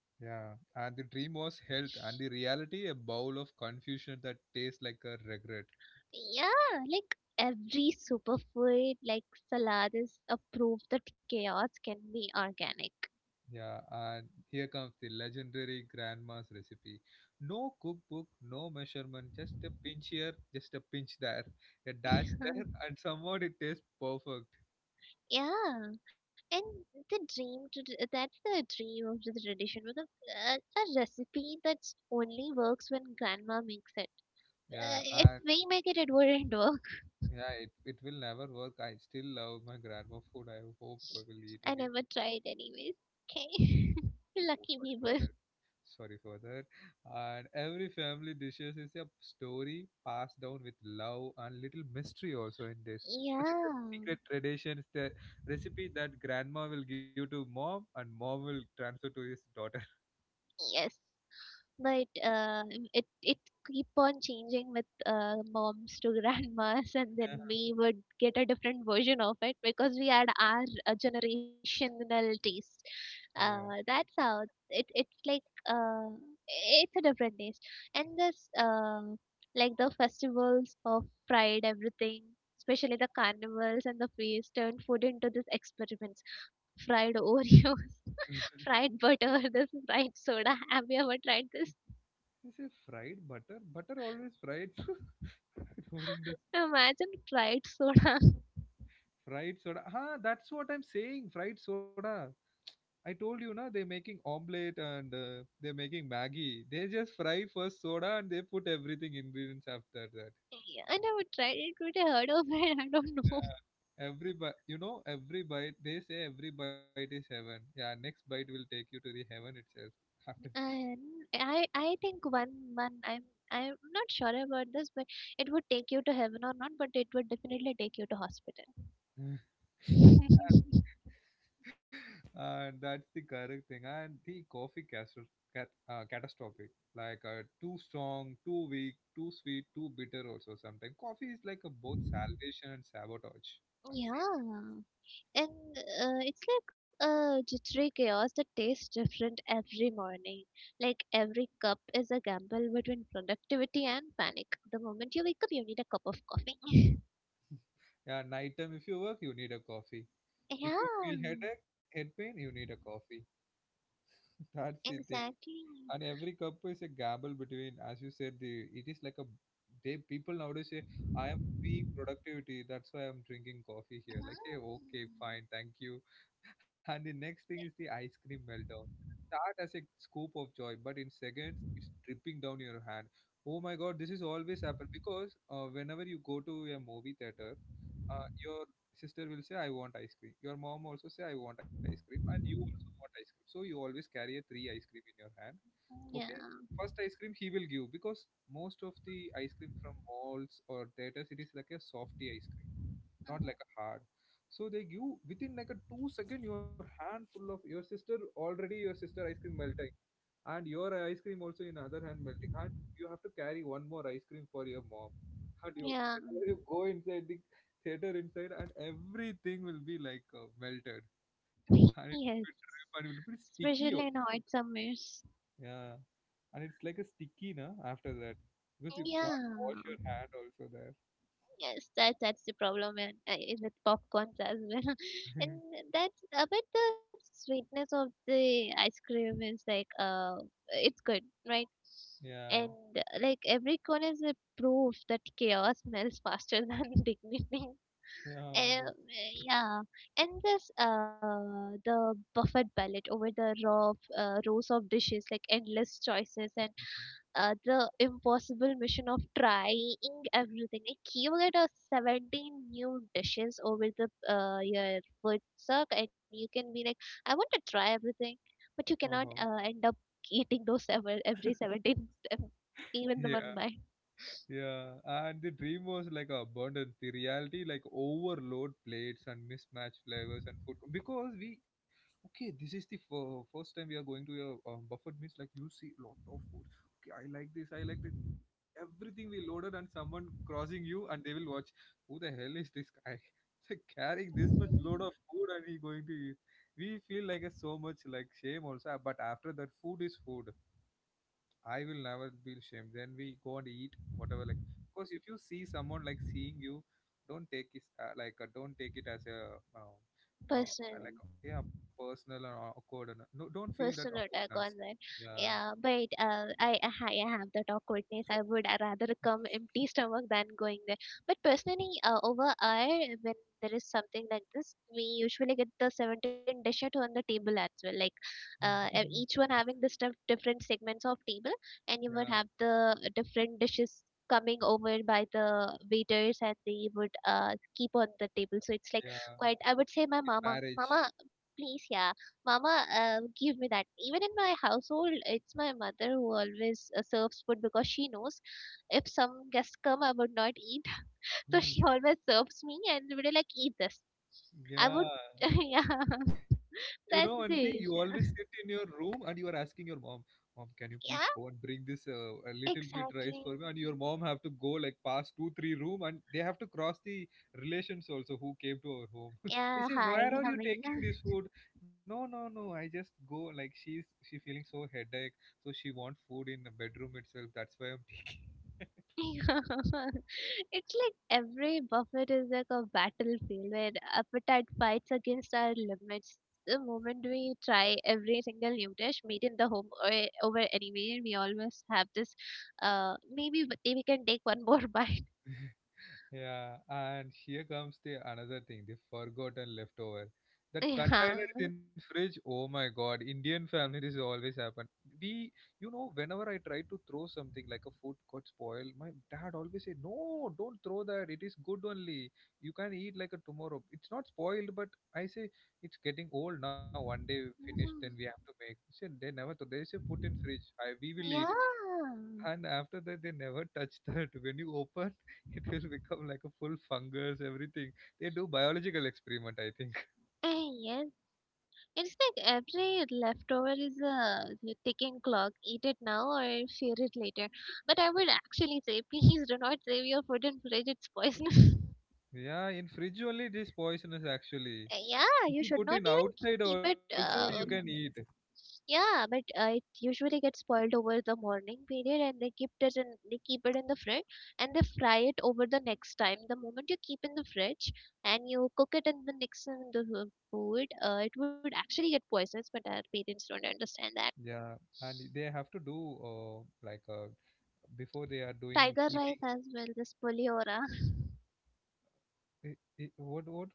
Yeah, and the dream was health, and the reality a bowl of confusion that tastes like a regret. Yeah, like every superfood, like salad, is a proof that chaos can be organic. Yeah, and here comes the legendary grandma's recipe. No cookbook, no measurement, just a pinch here, just a pinch there, a dash there, [LAUGHS] and somehow it tastes perfect. Yeah, and the dream to d- that's the dream of the tradition with a recipe that's only works when grandma makes it. Yeah, If and we make it, it wouldn't work. yeah, it will never work. I still love my grandma food. I hope we will [LAUGHS] I eat again. never tried, anyways. Okay, [LAUGHS] Oh, sorry lucky for that. people. Sorry for that. And every family dishes is a story passed down with love and little mystery also in this, because Yeah, it's a secret tradition. It's the recipe that grandma will give to mom, and mom will transfer to his daughter. [LAUGHS] yes. But it keep on changing with moms to [LAUGHS] grandmas, and then Yeah, we would get a different version of it because we had our generational taste. yeah. That's how it it's like it's a different taste, and this like the festivals of pride, everything. Especially the carnivals and the feast turned food into these experiments. Fried Oreos, [LAUGHS] fried butter, this fried soda. Have you ever tried this? This is fried butter. Butter always fried. [LAUGHS] I don't understand. Imagine fried soda. [LAUGHS] Fried soda, ah, that's what I'm saying, fried soda. I told you na, they're making omelette and they're making Maggie. They just fry first soda and they put everything ingredients after that. Yeah, I never tried it, but I heard of it. [LAUGHS] I don't know. [LAUGHS] Every bite, you know, every bite, they say every bite is heaven. Yeah, next bite will take you to the heaven itself. [LAUGHS] After, And I think one one I'm not sure about this, but it would take you to heaven or not, but it would definitely take you to hospital. [LAUGHS] [LAUGHS] and that's the correct thing. And the catastrophic, like too strong, too weak, too sweet, too bitter. Also, sometimes coffee is like a both salvation and sabotage at same. Yeah. And it's like a jittery chaos that tastes different every morning. Like every cup is a gamble between productivity and panic. The moment you wake up, you need a cup of coffee. [LAUGHS] Yeah, night time if you work, you need a coffee. Yeah. If you feel headache, head pain, you need a coffee. [LAUGHS] That's the thing. Exactly. And every cup is a gamble between, as you said, the, it is like a, they, people nowadays say I am being productivity, that's why I'm drinking coffee here. Mhm. Like say okay, fine, thank you. [LAUGHS] And the next thing is the ice cream meltdown. Start as a scoop of joy, but in seconds it's dripping down your hand. Oh my god, this is always happen, because whenever you go to a movie theater, your sister will say I want ice cream, your mom also say I want ice cream, and you also want ice cream, so you always carry a three ice cream in your hand, Yeah, okay? First ice cream he will give, because most of the ice cream from malls or theaters it is like a softy ice cream, not like a hard. So they give, within like a two second your hand full of, your sister already, your sister ice cream melting, and your ice cream also in other hand melting, and you have to carry one more ice cream for your mom. And you, yeah, whenever you go inside the theater inside, and everything will be like melted, and it will [LAUGHS] yes. be drip, and it will be sticky. Especially in hot summers. Yeah, and it's like a sticky, no? After that, because you can't wash Yeah. your hand also there. Yes, that's the problem and with popcorns as well. [LAUGHS] And [LAUGHS] that's but the sweetness of the ice cream is like it's good, right? Yeah, And like every cone is a proof that chaos melts faster [LAUGHS] than dignity. yeah. Um, yeah, and this the buffet ballet over the raw rows of dishes, like endless choices, and the impossible mission of trying everything. Like you get a 17 new dishes over the your food suck, and you can be like, I want to try everything, but you Uh cannot huh. End up eating those every 17, even the one Yeah. by Yeah, and the dream was like abundance. The reality, like overload plates and mismatched flavors and food. Because we, okay, this is the first time we are going to a buffet means like you see lot of food. Okay, I like this, I like this. Everything we loaded, and someone crossing you and they will watch. Who the hell is this guy? [LAUGHS] Like carrying this much [LAUGHS] load of food, and he going to eat. We feel like a so much like shame also. But after that, food is food. I will never be ashamed. Then we go and eat whatever. Like, because if you see someone like seeing you, don't take it like don't take it as a person. Like, yeah, personal or awkward. And no, don't feel that Personal attack on awkwardness. that. Yeah, Yeah, but I have that awkwardness. I would rather come empty stomach than going there. But personally, over I when there is something like this, we usually get the 17 dishes on the table as well. Like each [LAUGHS] one having the stuff different segments of table, and you would yeah, have the different dishes coming over by the waiters and they would keep on the table, so it's like yeah. quite, I would say, my In mama marriage, mama please. Yeah. Mama, give me that. Even in my household, it's my mother who always serves food because she knows if some guests come, I would not eat. [LAUGHS] So hmm, she always serves me and would be like, eat this. I would, yeah. [LAUGHS] yeah, You know one that's thing, the you always sit issue. in your room and you are asking your mom, mom, can you please Yeah, go and bring this a little bit rice exactly. for me? And your mom have to go like past two, three room, and they have to cross the relations also who came to our home. [LAUGHS] They Yeah, say, hi, where are how you are taking you? this food? No, no, no. I just go, like, she's, she feeling so headache, so she want food in the bedroom itself. That's why I'm taking. [LAUGHS] [LAUGHS] It's like every buffet is like a battlefield where appetite fights against our limits. The moment we try every single new dish made in the home or over anywhere, we always have this. Maybe we can take one more [LAUGHS] bite. Yeah, and here comes the another thing, the forgotten leftover. That Yeah. container in fridge, oh my god, Indian family this always happen. We, you know, whenever I try to throw something like a food got spoiled, my dad always say, no, don't throw that, it is good only. You can eat like a tomorrow. It's not spoiled, but I say it's getting old now. One day finished, then we Mhm. have to make. He said they never throw, they say put in fridge. I, we will eat. Yeah. And after that they never touch [LAUGHS] that. When you open [LAUGHS] it will become like a full fungus everything. They do biological experiment I think. Yes. It's like every leftover is a ticking clock. Eat it now or fear it later. But I would actually say, please do not save your food in fridge. It's poisonous. [LAUGHS] [LAUGHS] Yeah, in fridge only it is poisonous actually. Yeah, If you you should put not in even keep outside it. also you can eat. Yeah, but it usually gets spoiled over the morning period, and they keep it in. They keep it in the fridge, and they fry it over the next time. The moment you keep in the fridge and you cook it in the next in the food, it would actually get poisonous. But our parents don't understand that. Yeah, and they have to do uh, like before they are doing Tiger heating. rice as well, this puliora. eh, what what.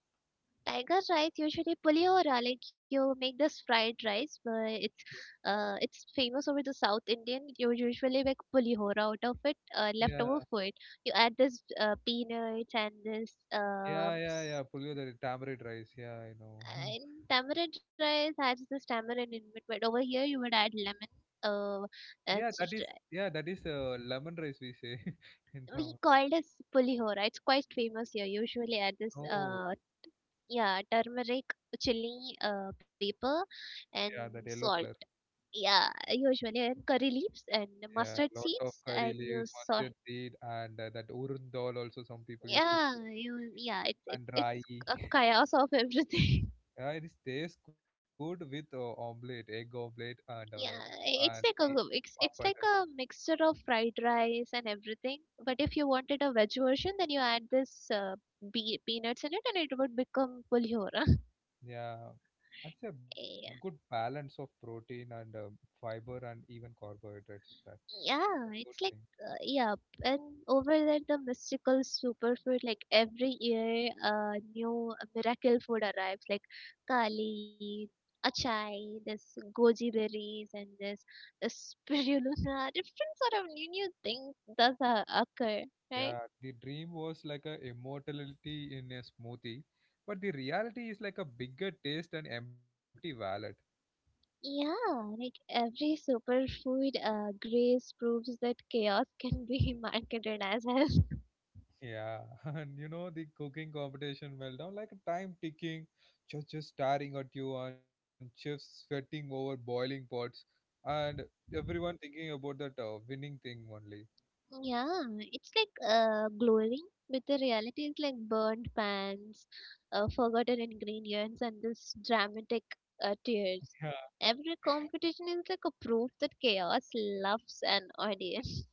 Tiger rice usually puliora, like you make this fried rice, but it's famous over the South Indian. You usually make puliora out of it, leftover Yeah, food. You add this peanuts and this yeah, yeah, yeah, puliyodar, tamarind rice, yeah, I know. [LAUGHS] and tamarind rice has this tamarind in it, but over here you would add lemon. Uh, Yeah, it's, that just- is, yeah, that is lemon rice we say [LAUGHS] in we Tamil. call this pulihora. It's quite famous here. Usually add this Oh, yeah, turmeric, chili, pepper yeah, and that yellow color. salt, yeah, usually, and curry leaves and Yeah, mustard lot of seeds curry and you leaves, salt. mustard seed, and that urad dal also some people used to yeah put, you yeah it's it, and it's rai. a [LAUGHS] chaos of everything. Yeah, it is- tastes good with omelette, egg omelette, [LAUGHS] Yeah, it's and like a the it's, it's papad. like a mixture of fried rice and everything, but if you wanted a veg version, then you add this peanuts in it and it would become pulhora. Yeah, that's a good [LAUGHS] balance of protein and fiber and even carbohydrates. It's that Yeah, a good it's like thing. Yeah, and over there the mystical superfood, like every year a new miracle food arrives like kali, achai, this goji berries and this [LAUGHS] spirulina, different sort of new things does occur, right? Yeah, the dream was like a immortality in a smoothie, but the reality is like a bigger taste and empty wallet. Yeah, like every superfood grace proves that chaos can be [LAUGHS] marketed as health. Yeah, [LAUGHS] and you know the cooking competition meltdown, like time ticking, just staring at you, and chefs sweating over boiling pots, and everyone thinking about that winning thing only. Yeah, it's like glowing, but the reality is like burned pans, forgotten ingredients, and this dramatic tears. Yeah. Every competition is like a proof that chaos loves an audience. [LAUGHS]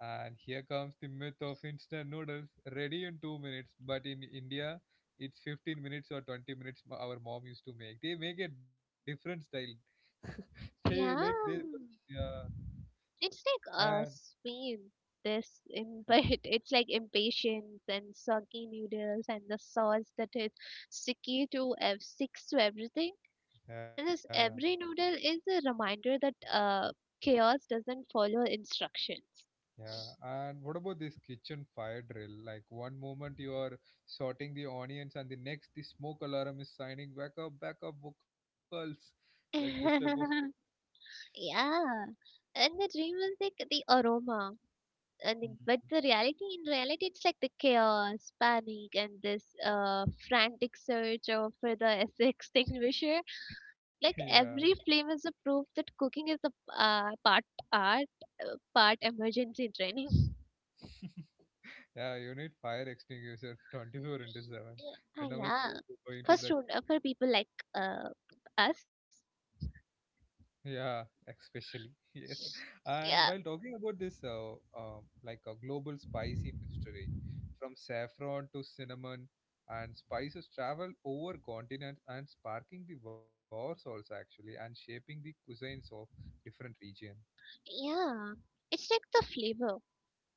And here comes the myth of instant noodles, ready in 2 minutes. But in India, it's 15 minutes or 20 minutes. Our mom used to make. They make a different style. They Yeah, like they, yeah, it's like and speed. This imp- [LAUGHS] it's like impatience and soggy noodles and the sauce that is sticks to everything. And this yeah. every noodle is a reminder that chaos doesn't follow instructions. Yeah, and what about this kitchen fire drill? Like one moment you are sorting the onions, and the next the smoke alarm is signing back up, vocals, like this [LAUGHS] type of Yeah, and the dream was like the aroma, and the, thing. but [LAUGHS] the reality in reality it's like the chaos, panic, and this frantic search of for the [LAUGHS] extinguisher. Like Yeah, every flame is a proof that cooking is a part art, part emergency training. yeah, you need fire extinguisher 24 into 7 Ah, whenever you yeah. go into For the. student, for people like uh, us, Yeah, especially. [LAUGHS] Yes. And while yeah, talking about this, like a global spicy mystery, from saffron to cinnamon, and spices travel over continents and sparking the wars also actually, and shaping the cuisines of different region. yeah. It's like the flavor.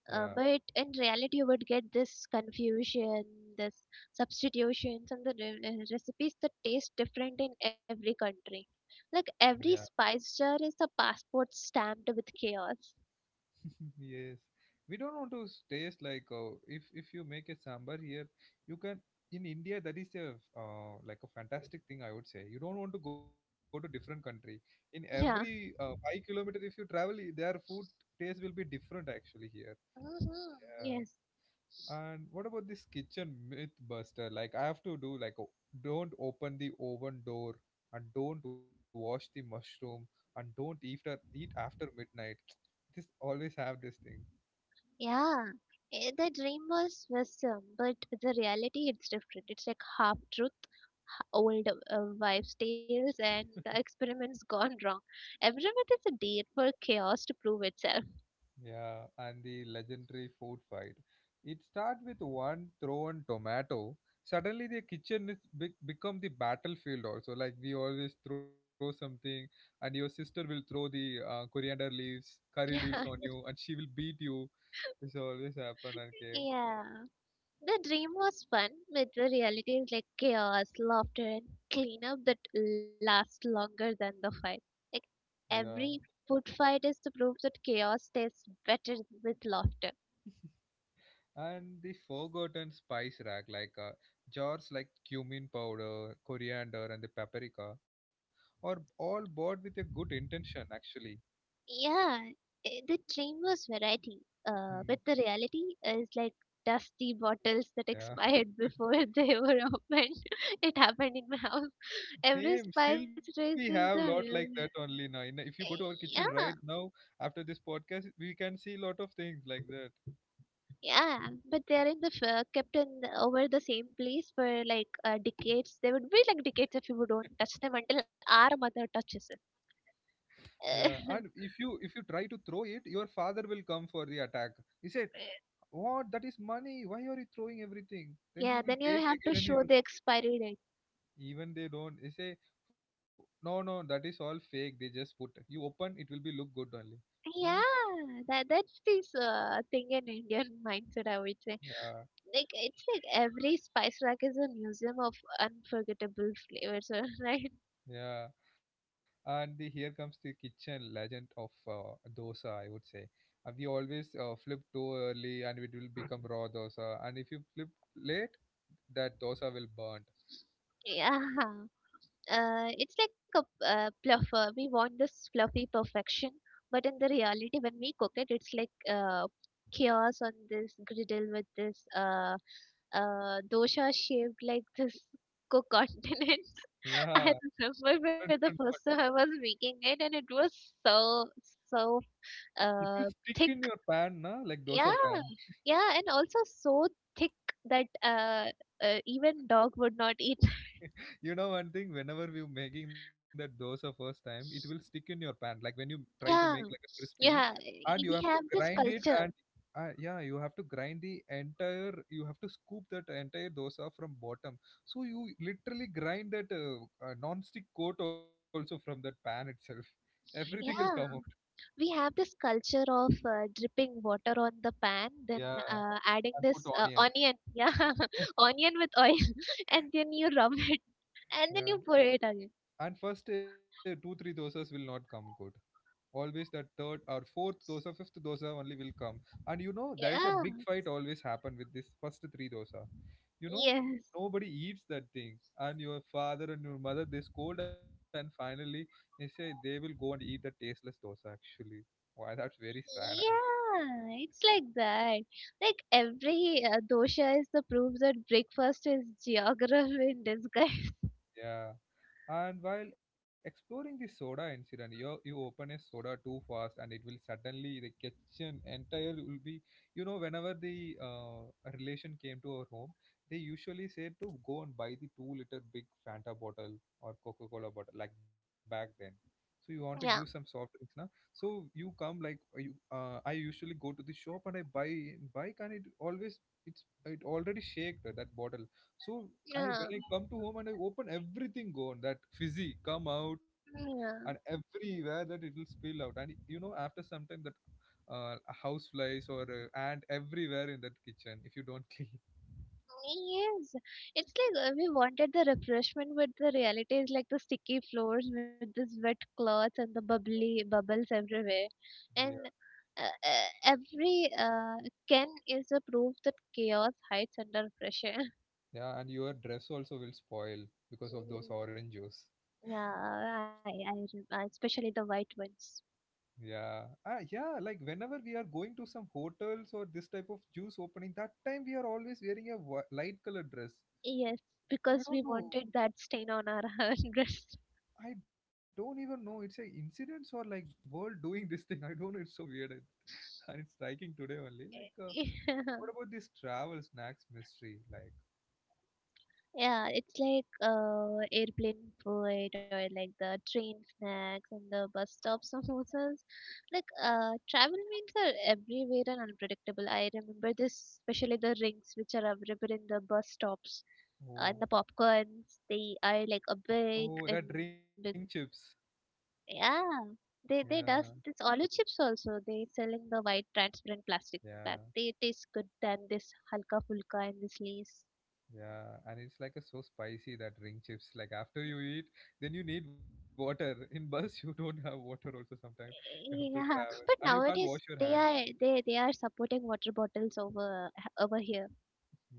Yeah, But in reality, you would get this confusion, this substitutions, and the recipes that taste different in every country. Like yeah. every spice jar is the passport stamped with chaos. Yes, we don't want to taste like, if you make a sambar here, you can in India that is a, like a fantastic thing I would say. You don't want to go to different country. In every Yeah. 5 kilometer, if you travel, their food taste will be different actually here. Mm-hmm. Yeah. Yes. And what about this kitchen myth buster? Like I have to do like don't open the oven door and don't wash the mushroom and don't eat after eat after midnight. [TSK] This always have this thing. Yeah. The dream was wisdom, but the reality it's different. It's like half truth, old wives' tales and the experiments gone wrong. Every myth is a date for chaos to prove itself. Yeah, and the legendary food fight. It starts with one thrown tomato. Suddenly, the kitchen is become the battlefield. Also, like we always throw something, and your sister will throw the coriander leaves, curry [LAUGHS] leaves Yeah. on you, and she will beat you. This always happen and cave. The dream was fun, but the reality is like chaos, laughter, and cleanup that lasts longer than the fight. Like Yeah, every food fight is to prove that chaos tastes better with laughter. and the forgotten spice rack, like jars like cumin powder, coriander, and the paprika, are all bought with a good intention. Actually. Yeah, the dream was variety, Hmm. but the reality is like dusty bottles that Yeah. expired [LAUGHS] before [LAUGHS] they were opened. [LAUGHS] It happened in my house. Every Same. spice Still, we race have is lot the like that real. only now. If you go to Eh, our kitchen right yeah, now after this podcast, we can see lot of things like that. yeah, but they're in the kept in the, over the same place for like decades. They would be like decades if you don't touch them until our mother touches it. Yeah, and if [LAUGHS] you if you try to throw it, your father will come for the attack. He said, "What? That is money. Why are you throwing everything?" Then Yeah, he will then you take have to again and he show will. the expiry date. Even they don't. They say, "No, no, that is all fake. They just put. You open, it will be look good only." Huh? Yeah, that's this thing in Indian [LAUGHS] mindset, I would say. Yeah. Like it's like every spice rack is a museum of unforgettable flavors, [LAUGHS] right? Yeah, and the here comes the kitchen legend of, dosa. I would say we always flip too early, and it will become raw dosa. And if you flip late, that dosa will burn. Yeah. Uh, it's like a fluffer. We want this fluffy perfection, but in the reality, when we cook it, it's like chaos on this griddle with this dosha shaped like this cook continent. [LAUGHS] I Yeah, [LAUGHS] different, remember different. for the kind. first time I was making it, and it was so so It will uh, stick in thick. your pan, na? Like Yeah, dosa pan. yeah, and also so thick that even dog would not eat. You know one thing, whenever we're making that dosa first time, it will stick in your pan, like when you try to make Yeah, like a crispy, yeah, and you we have to have this grind it, culture. and yeah, you have to grind the entire, you have to scoop that entire dosa from bottom, so you literally grind that non-stick coat also from that pan itself. [LAUGHS] everything will come Yeah, out. we have this culture of dripping water on the pan, then Yeah, adding and put this onion. onion, [LAUGHS] yeah, [LAUGHS] onion with oil, [LAUGHS] and then you rub it, and then yeah, you pour it again. and first, 2 3 dosas will not come good. Always that third or fourth dosa, fifth dosa only will come. And you know there is a Yeah, big fight always happen with this first three dosa, you know, yes, nobody eats that thing, and your father and your mother they scold, and finally they say they will go and eat that tasteless dosa actually. Why? That's very sad. yeah, it's like that. Like every dosha is the proof that breakfast is geography in disguise. [LAUGHS] Yeah. And while exploring the soda incident, you open a soda too fast, and it will suddenly the kitchen entire will be. You know, whenever the a relation came to our home, they usually said to go and buy the 2 liter big Fanta bottle or Coca Cola bottle, like back then. So you want to give some Yeah, soft drinks, na? So you come like, you. I usually go to the shop, and I buy, and it always, it's it already shaked that bottle, so I yeah, when I come to home and I open, everything gone, that fizzy come out, and yeah. everywhere that it will spill out. And you know after some time that, uh, house flies or ant everywhere in that kitchen if you don't [LAUGHS] clean. Yes, it's like we wanted the refreshment, but the reality is like the sticky floors with this wet cloth and the bubbly bubbles everywhere, and Yeah, every can is a proof that chaos hides under pressure. [LAUGHS] yeah, and your dress also will spoil because of those Mm, orange juice. yeah, especially the white ones. Yeah, ah, yeah. Like whenever we are going to some hotels or this type of juice opening, that time we are always wearing a light colored dress. Yes, I because don't we know, wanted that stain on our [LAUGHS] dress. I don't even know it's a incidents or like world doing this thing. I don't know. It's so weird, and [LAUGHS] and it's striking today only. Like, [LAUGHS] Yeah. what about this travel snacks mystery? Like, Yeah, it's like airplane food or like the train snacks and the bus stop samosas. Like travel means are everywhere and unpredictable. I remember this, especially the rings which are available in the bus stops oh, and the popcorns. They are like a big oh, and that with- ring chips. yeah, they Yeah, does this olive chips also. They sell in the white transparent plastic yeah, bag. They taste good than this halka fulka and this lace. yeah. And it's like a so spicy that ring chips. Like after you eat, then you need water. In bus, [LAUGHS] you don't have water also. Sometimes you have to Yeah, travel but and you can't wash nowadays your hand. They are supporting water bottles over over here.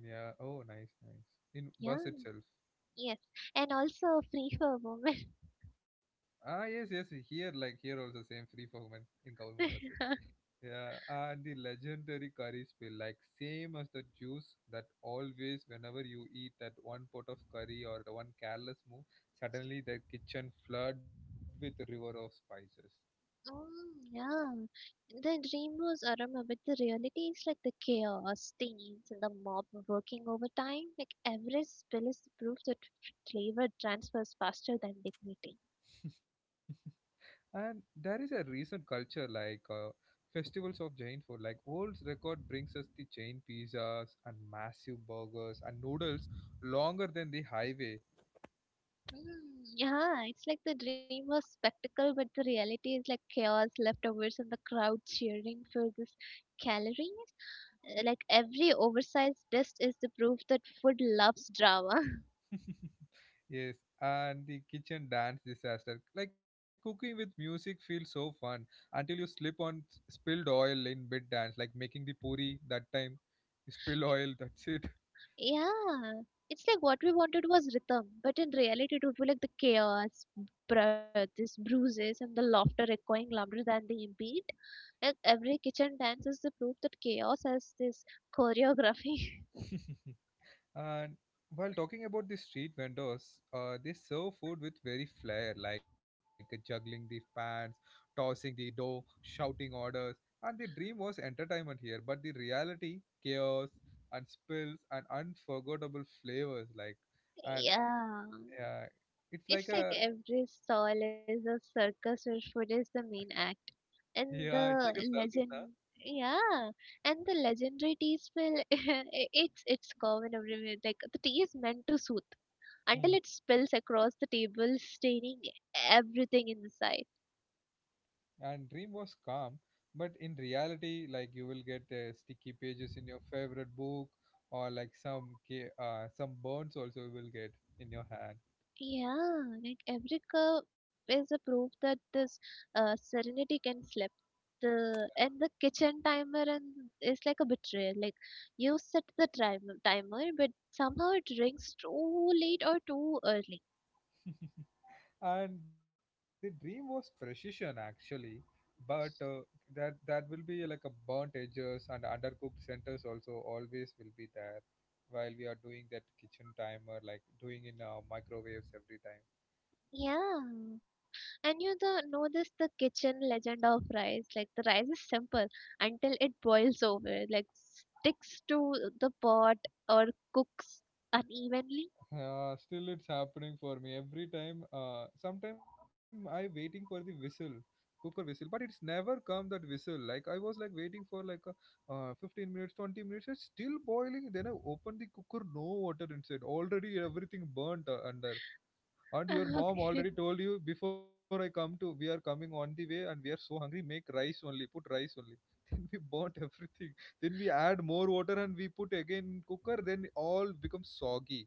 Yeah. Oh, nice, nice. In Yeah, bus itself. yes, and also free for women. Ah, yes, yes. Here, like here, also same free for women in government buses. [LAUGHS] Yeah, and the legendary curry spill, like same as the juice that always, whenever you eat that one pot of curry or the one careless move, suddenly the kitchen flood with river of spices. Mm, yeah, the dream was Arama, but the reality is like the chaos, teens, and the mob working overtime. Like every spill is proof that flavor transfers faster than dignity. And there is a recent culture like, festivals of Jain food, like old record brings us the Jain pizzas and massive burgers and noodles longer than the highway. Mm, yeah, it's like the dream was spectacle, but the reality is like chaos, leftovers, and the crowd cheering for this calories. Like every oversized dust is the proof that food loves drama. Yes, and the kitchen dance disaster. Like cooking with music feels so fun until you slip on spilled oil in mid dance, like making the puri that time. You spill oil, [LAUGHS] [LAUGHS] that's it. Yeah, it's like what we wanted was rhythm, but in reality, it would be like the chaos, this bruises, and the laughter echoing louder than the beat. Like every kitchen dance is the proof that chaos has this choreography. And while talking about the street vendors, they serve food with very flair, like juggling the pans, tossing the dough, shouting orders. And the dream was entertainment here, but the reality, chaos, and spills, and unforgettable flavors like [LAUGHS] and. Yeah. Yeah, it's like It's like a. every stall is a circus where food is the main act, [LAUGHS] yeah, it's and like a the circus, na? Yeah, and the legendary tea smell. [LAUGHS] It's common everywhere. Like the tea is meant to soothe until Mm. it spills across the table, staining everything in sight. And dream was calm, but in reality, like you will get sticky pages in your favorite book, or like some some burns also you will get in your hand. Yeah, like every curve is a proof that this serenity can slip. The and the kitchen timer and is like a betrayal. Like you set the timer, but somehow it rings too late or too early. [LAUGHS] And the dream was precision actually, but that will be like a burnt edges and undercooked centers also always will be there while we are doing that kitchen timer, like doing in microwaves every time. Yeah, and know this the kitchen legend of rice. Like the rice is simple until it boils over. Like sticks to the pot or cooks unevenly. [LAUGHS] Yeah, still it's happening for me every time. Sometime I waiting for the whistle, cooker whistle, but it's never come that whistle. Like I was like waiting for like a, 15 minutes, 20 minutes. It's still boiling. Then I open the cooker, no water inside. Already everything burnt under. And your mom Okay. already told you before, I come to, we are coming on the way, and we are so hungry. Make rice only. Put rice only. [LAUGHS] Then we burnt everything. Then we add more water and we put again in cooker. Then all becomes soggy.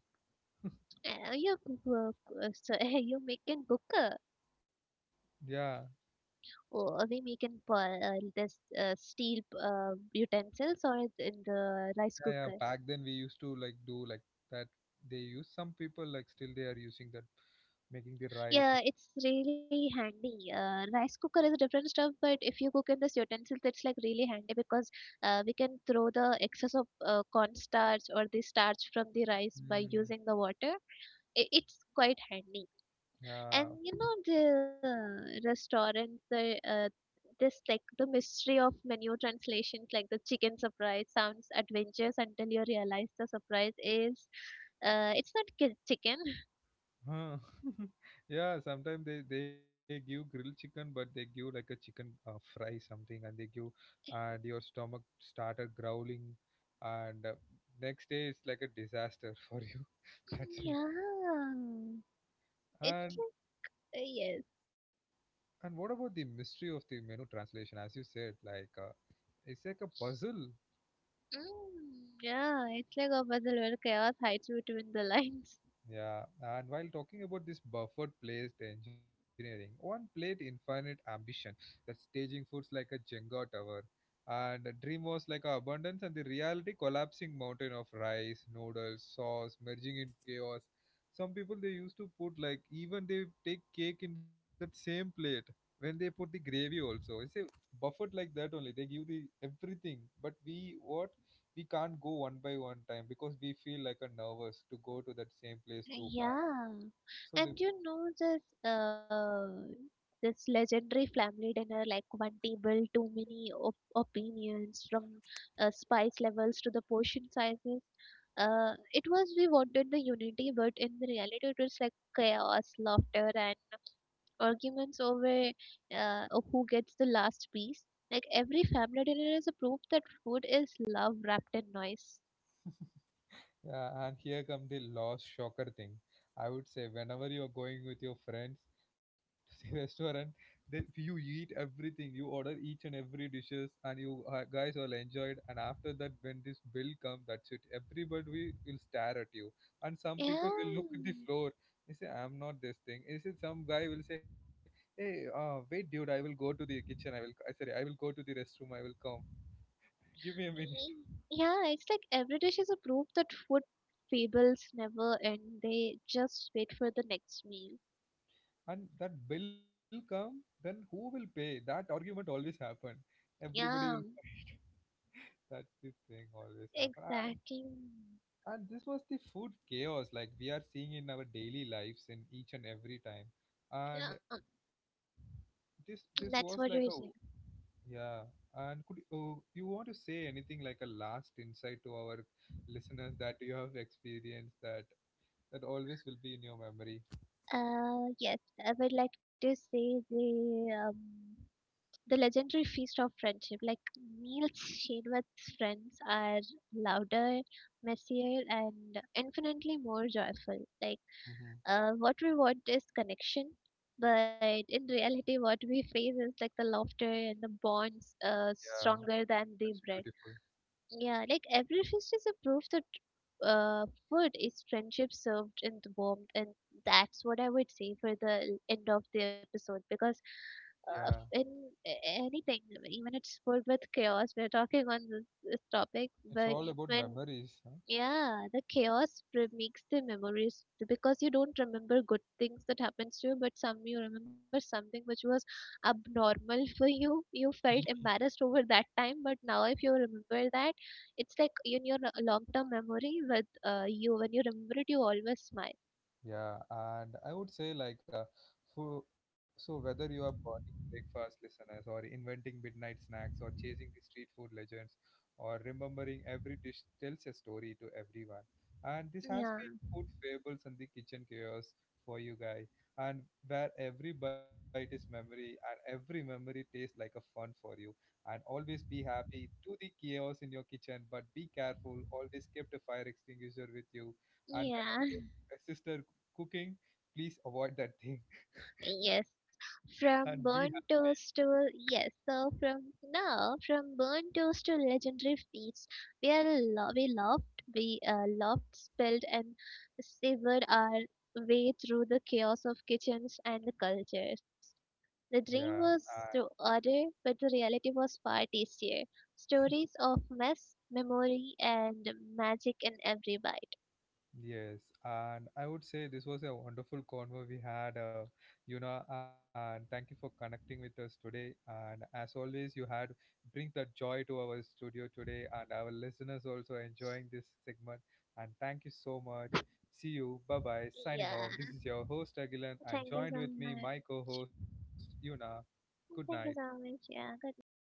You cook, so, [LAUGHS] you make in cooker Yeah. or we make in for [LAUGHS] this steel utensils or in the rice Yeah, yeah. cooker. Back then we used to like do like that. They use, some people like still they are using that, making the rice. Yeah, it's really handy. Rice cooker is a different stuff, but if you cook in this utensils, it's like really handy because we can throw the excess of cornstarch or the starch from the rice by Mm, using the water. It's quite handy. yeah, And you know the restaurant the this like the mystery of menu translations, like the chicken surprise sounds adventurous until you realize the surprise is it's not ki- chicken. huh. [LAUGHS] Yeah. Sometimes they give grilled chicken, but they give like a chicken, fry something, and they give, and your stomach started growling, and, next day it's like a disaster [LAUGHS] for you. That's it. Yeah, it's And like yes. and what about the mystery of the menu translation? As you said, like, it's like a puzzle. Mm, yeah, it's like a puzzle where chaos hides between the [LAUGHS] lines. Yeah, and while talking about this buffered placed engineering, one plate infinite ambition, that staging foods like a Jenga tower, and a dream was like a abundance, and the reality collapsing mountain of rice, noodles, sauce, merging in chaos. Some people they used to put like even they take cake in that same plate when they put the gravy also. It's a buffet like that only. They give the everything, but we, what we can't go one by one time because we feel like a nervous to go to that same place too high, Yeah, so the. and you know this legendary family dinner, like one table, too many op opinions from spice levels to the portion sizes. It was we wanted the unity, but in the reality, it was like chaos, laughter, and arguments over of who gets the last piece. Like every family dinner is a proof that food is love wrapped in noise. Yeah, and here come the last shocker thing. I would say whenever you're going with your friends [LAUGHS] to the restaurant, that you eat everything, you order each and every dishes, and you, guys all enjoyed. And after that, when this bill comes, that's it. Everybody will stare at you, and some Yeah. people will look at the floor. They say, "I'm not this thing." They say some guy will say, "Hey, wait, dude, I will go to the kitchen. I will, sorry, I will go to the restroom. I will come. [LAUGHS] Give me a minute." Y- Yeah, it's like every dish is a proof that food fables never end. They just wait for the next meal. And that bill come, then who will pay, that argument always happen, everybody will, Yeah, that the thing always happen. and, exactly. and this was the food chaos like we are seeing in our daily lives in each and every time. And Yeah, this [TSK] was like that's a, what it is. yeah. And could, you want to say anything like a last insight to our listeners that you have experienced, that that always will be in your memory. Yes, I would like to say the legendary feast of friendship. Like meals shared with friends are louder, messier, and infinitely more joyful. Like Hmm. uh, what we want is connection, but in reality, what we face is like the laughter and the bonds Yeah, stronger than the that's bread. beautiful. Yeah, like every feast is a proof that food is friendship served in the warmth, and that's what I would say for the end of the episode because Yeah, uh, in anything, even it's food with chaos, we're talking on this topic, it's but all about when memories, huh? yeah, the makes the memories because you don't remember good things that happens to you, but some you remember something which was abnormal [LAUGHS] for you. You [LAUGHS] felt embarrassed over that time, but now if you remember that, it's like in your long-term memory with you. When you remember it, you always smile. Yeah, and I would say like, for, so whether you are morning breakfast listeners or inventing midnight snacks or chasing the street food legends or remembering every dish, tells a story to everyone. And this has Yeah, been food fables and the kitchen chaos for you guys, and where every bite is memory and every memory tastes like a fun for you, and always be happy to the chaos in your kitchen, but be careful, always keep a fire extinguisher with you, and whenever your yeah. a sister cooking, please avoid that thing. Yes, [LAUGHS] And we have, from burnt toast to yes, from burnt toast to legendary feats, we laughed, spilled, and savored our way through the chaos of kitchens and the cultures. The yeah, dream uh, was to order, but the reality was far tastier. Stories of mess, memory, and magic in every bite. yes. And I would say this was a wonderful convo we had, you know, and thank you for connecting with us today. And as always, you had bring the joy to our studio today, and our listeners also enjoying this segment. And thank you so much. See you. Bye bye. Signing Yeah, off. This is your host, Agilan, and thank you joined so with me, much. my co host, Yuna. Good night. Thank you so much. Yeah, good night.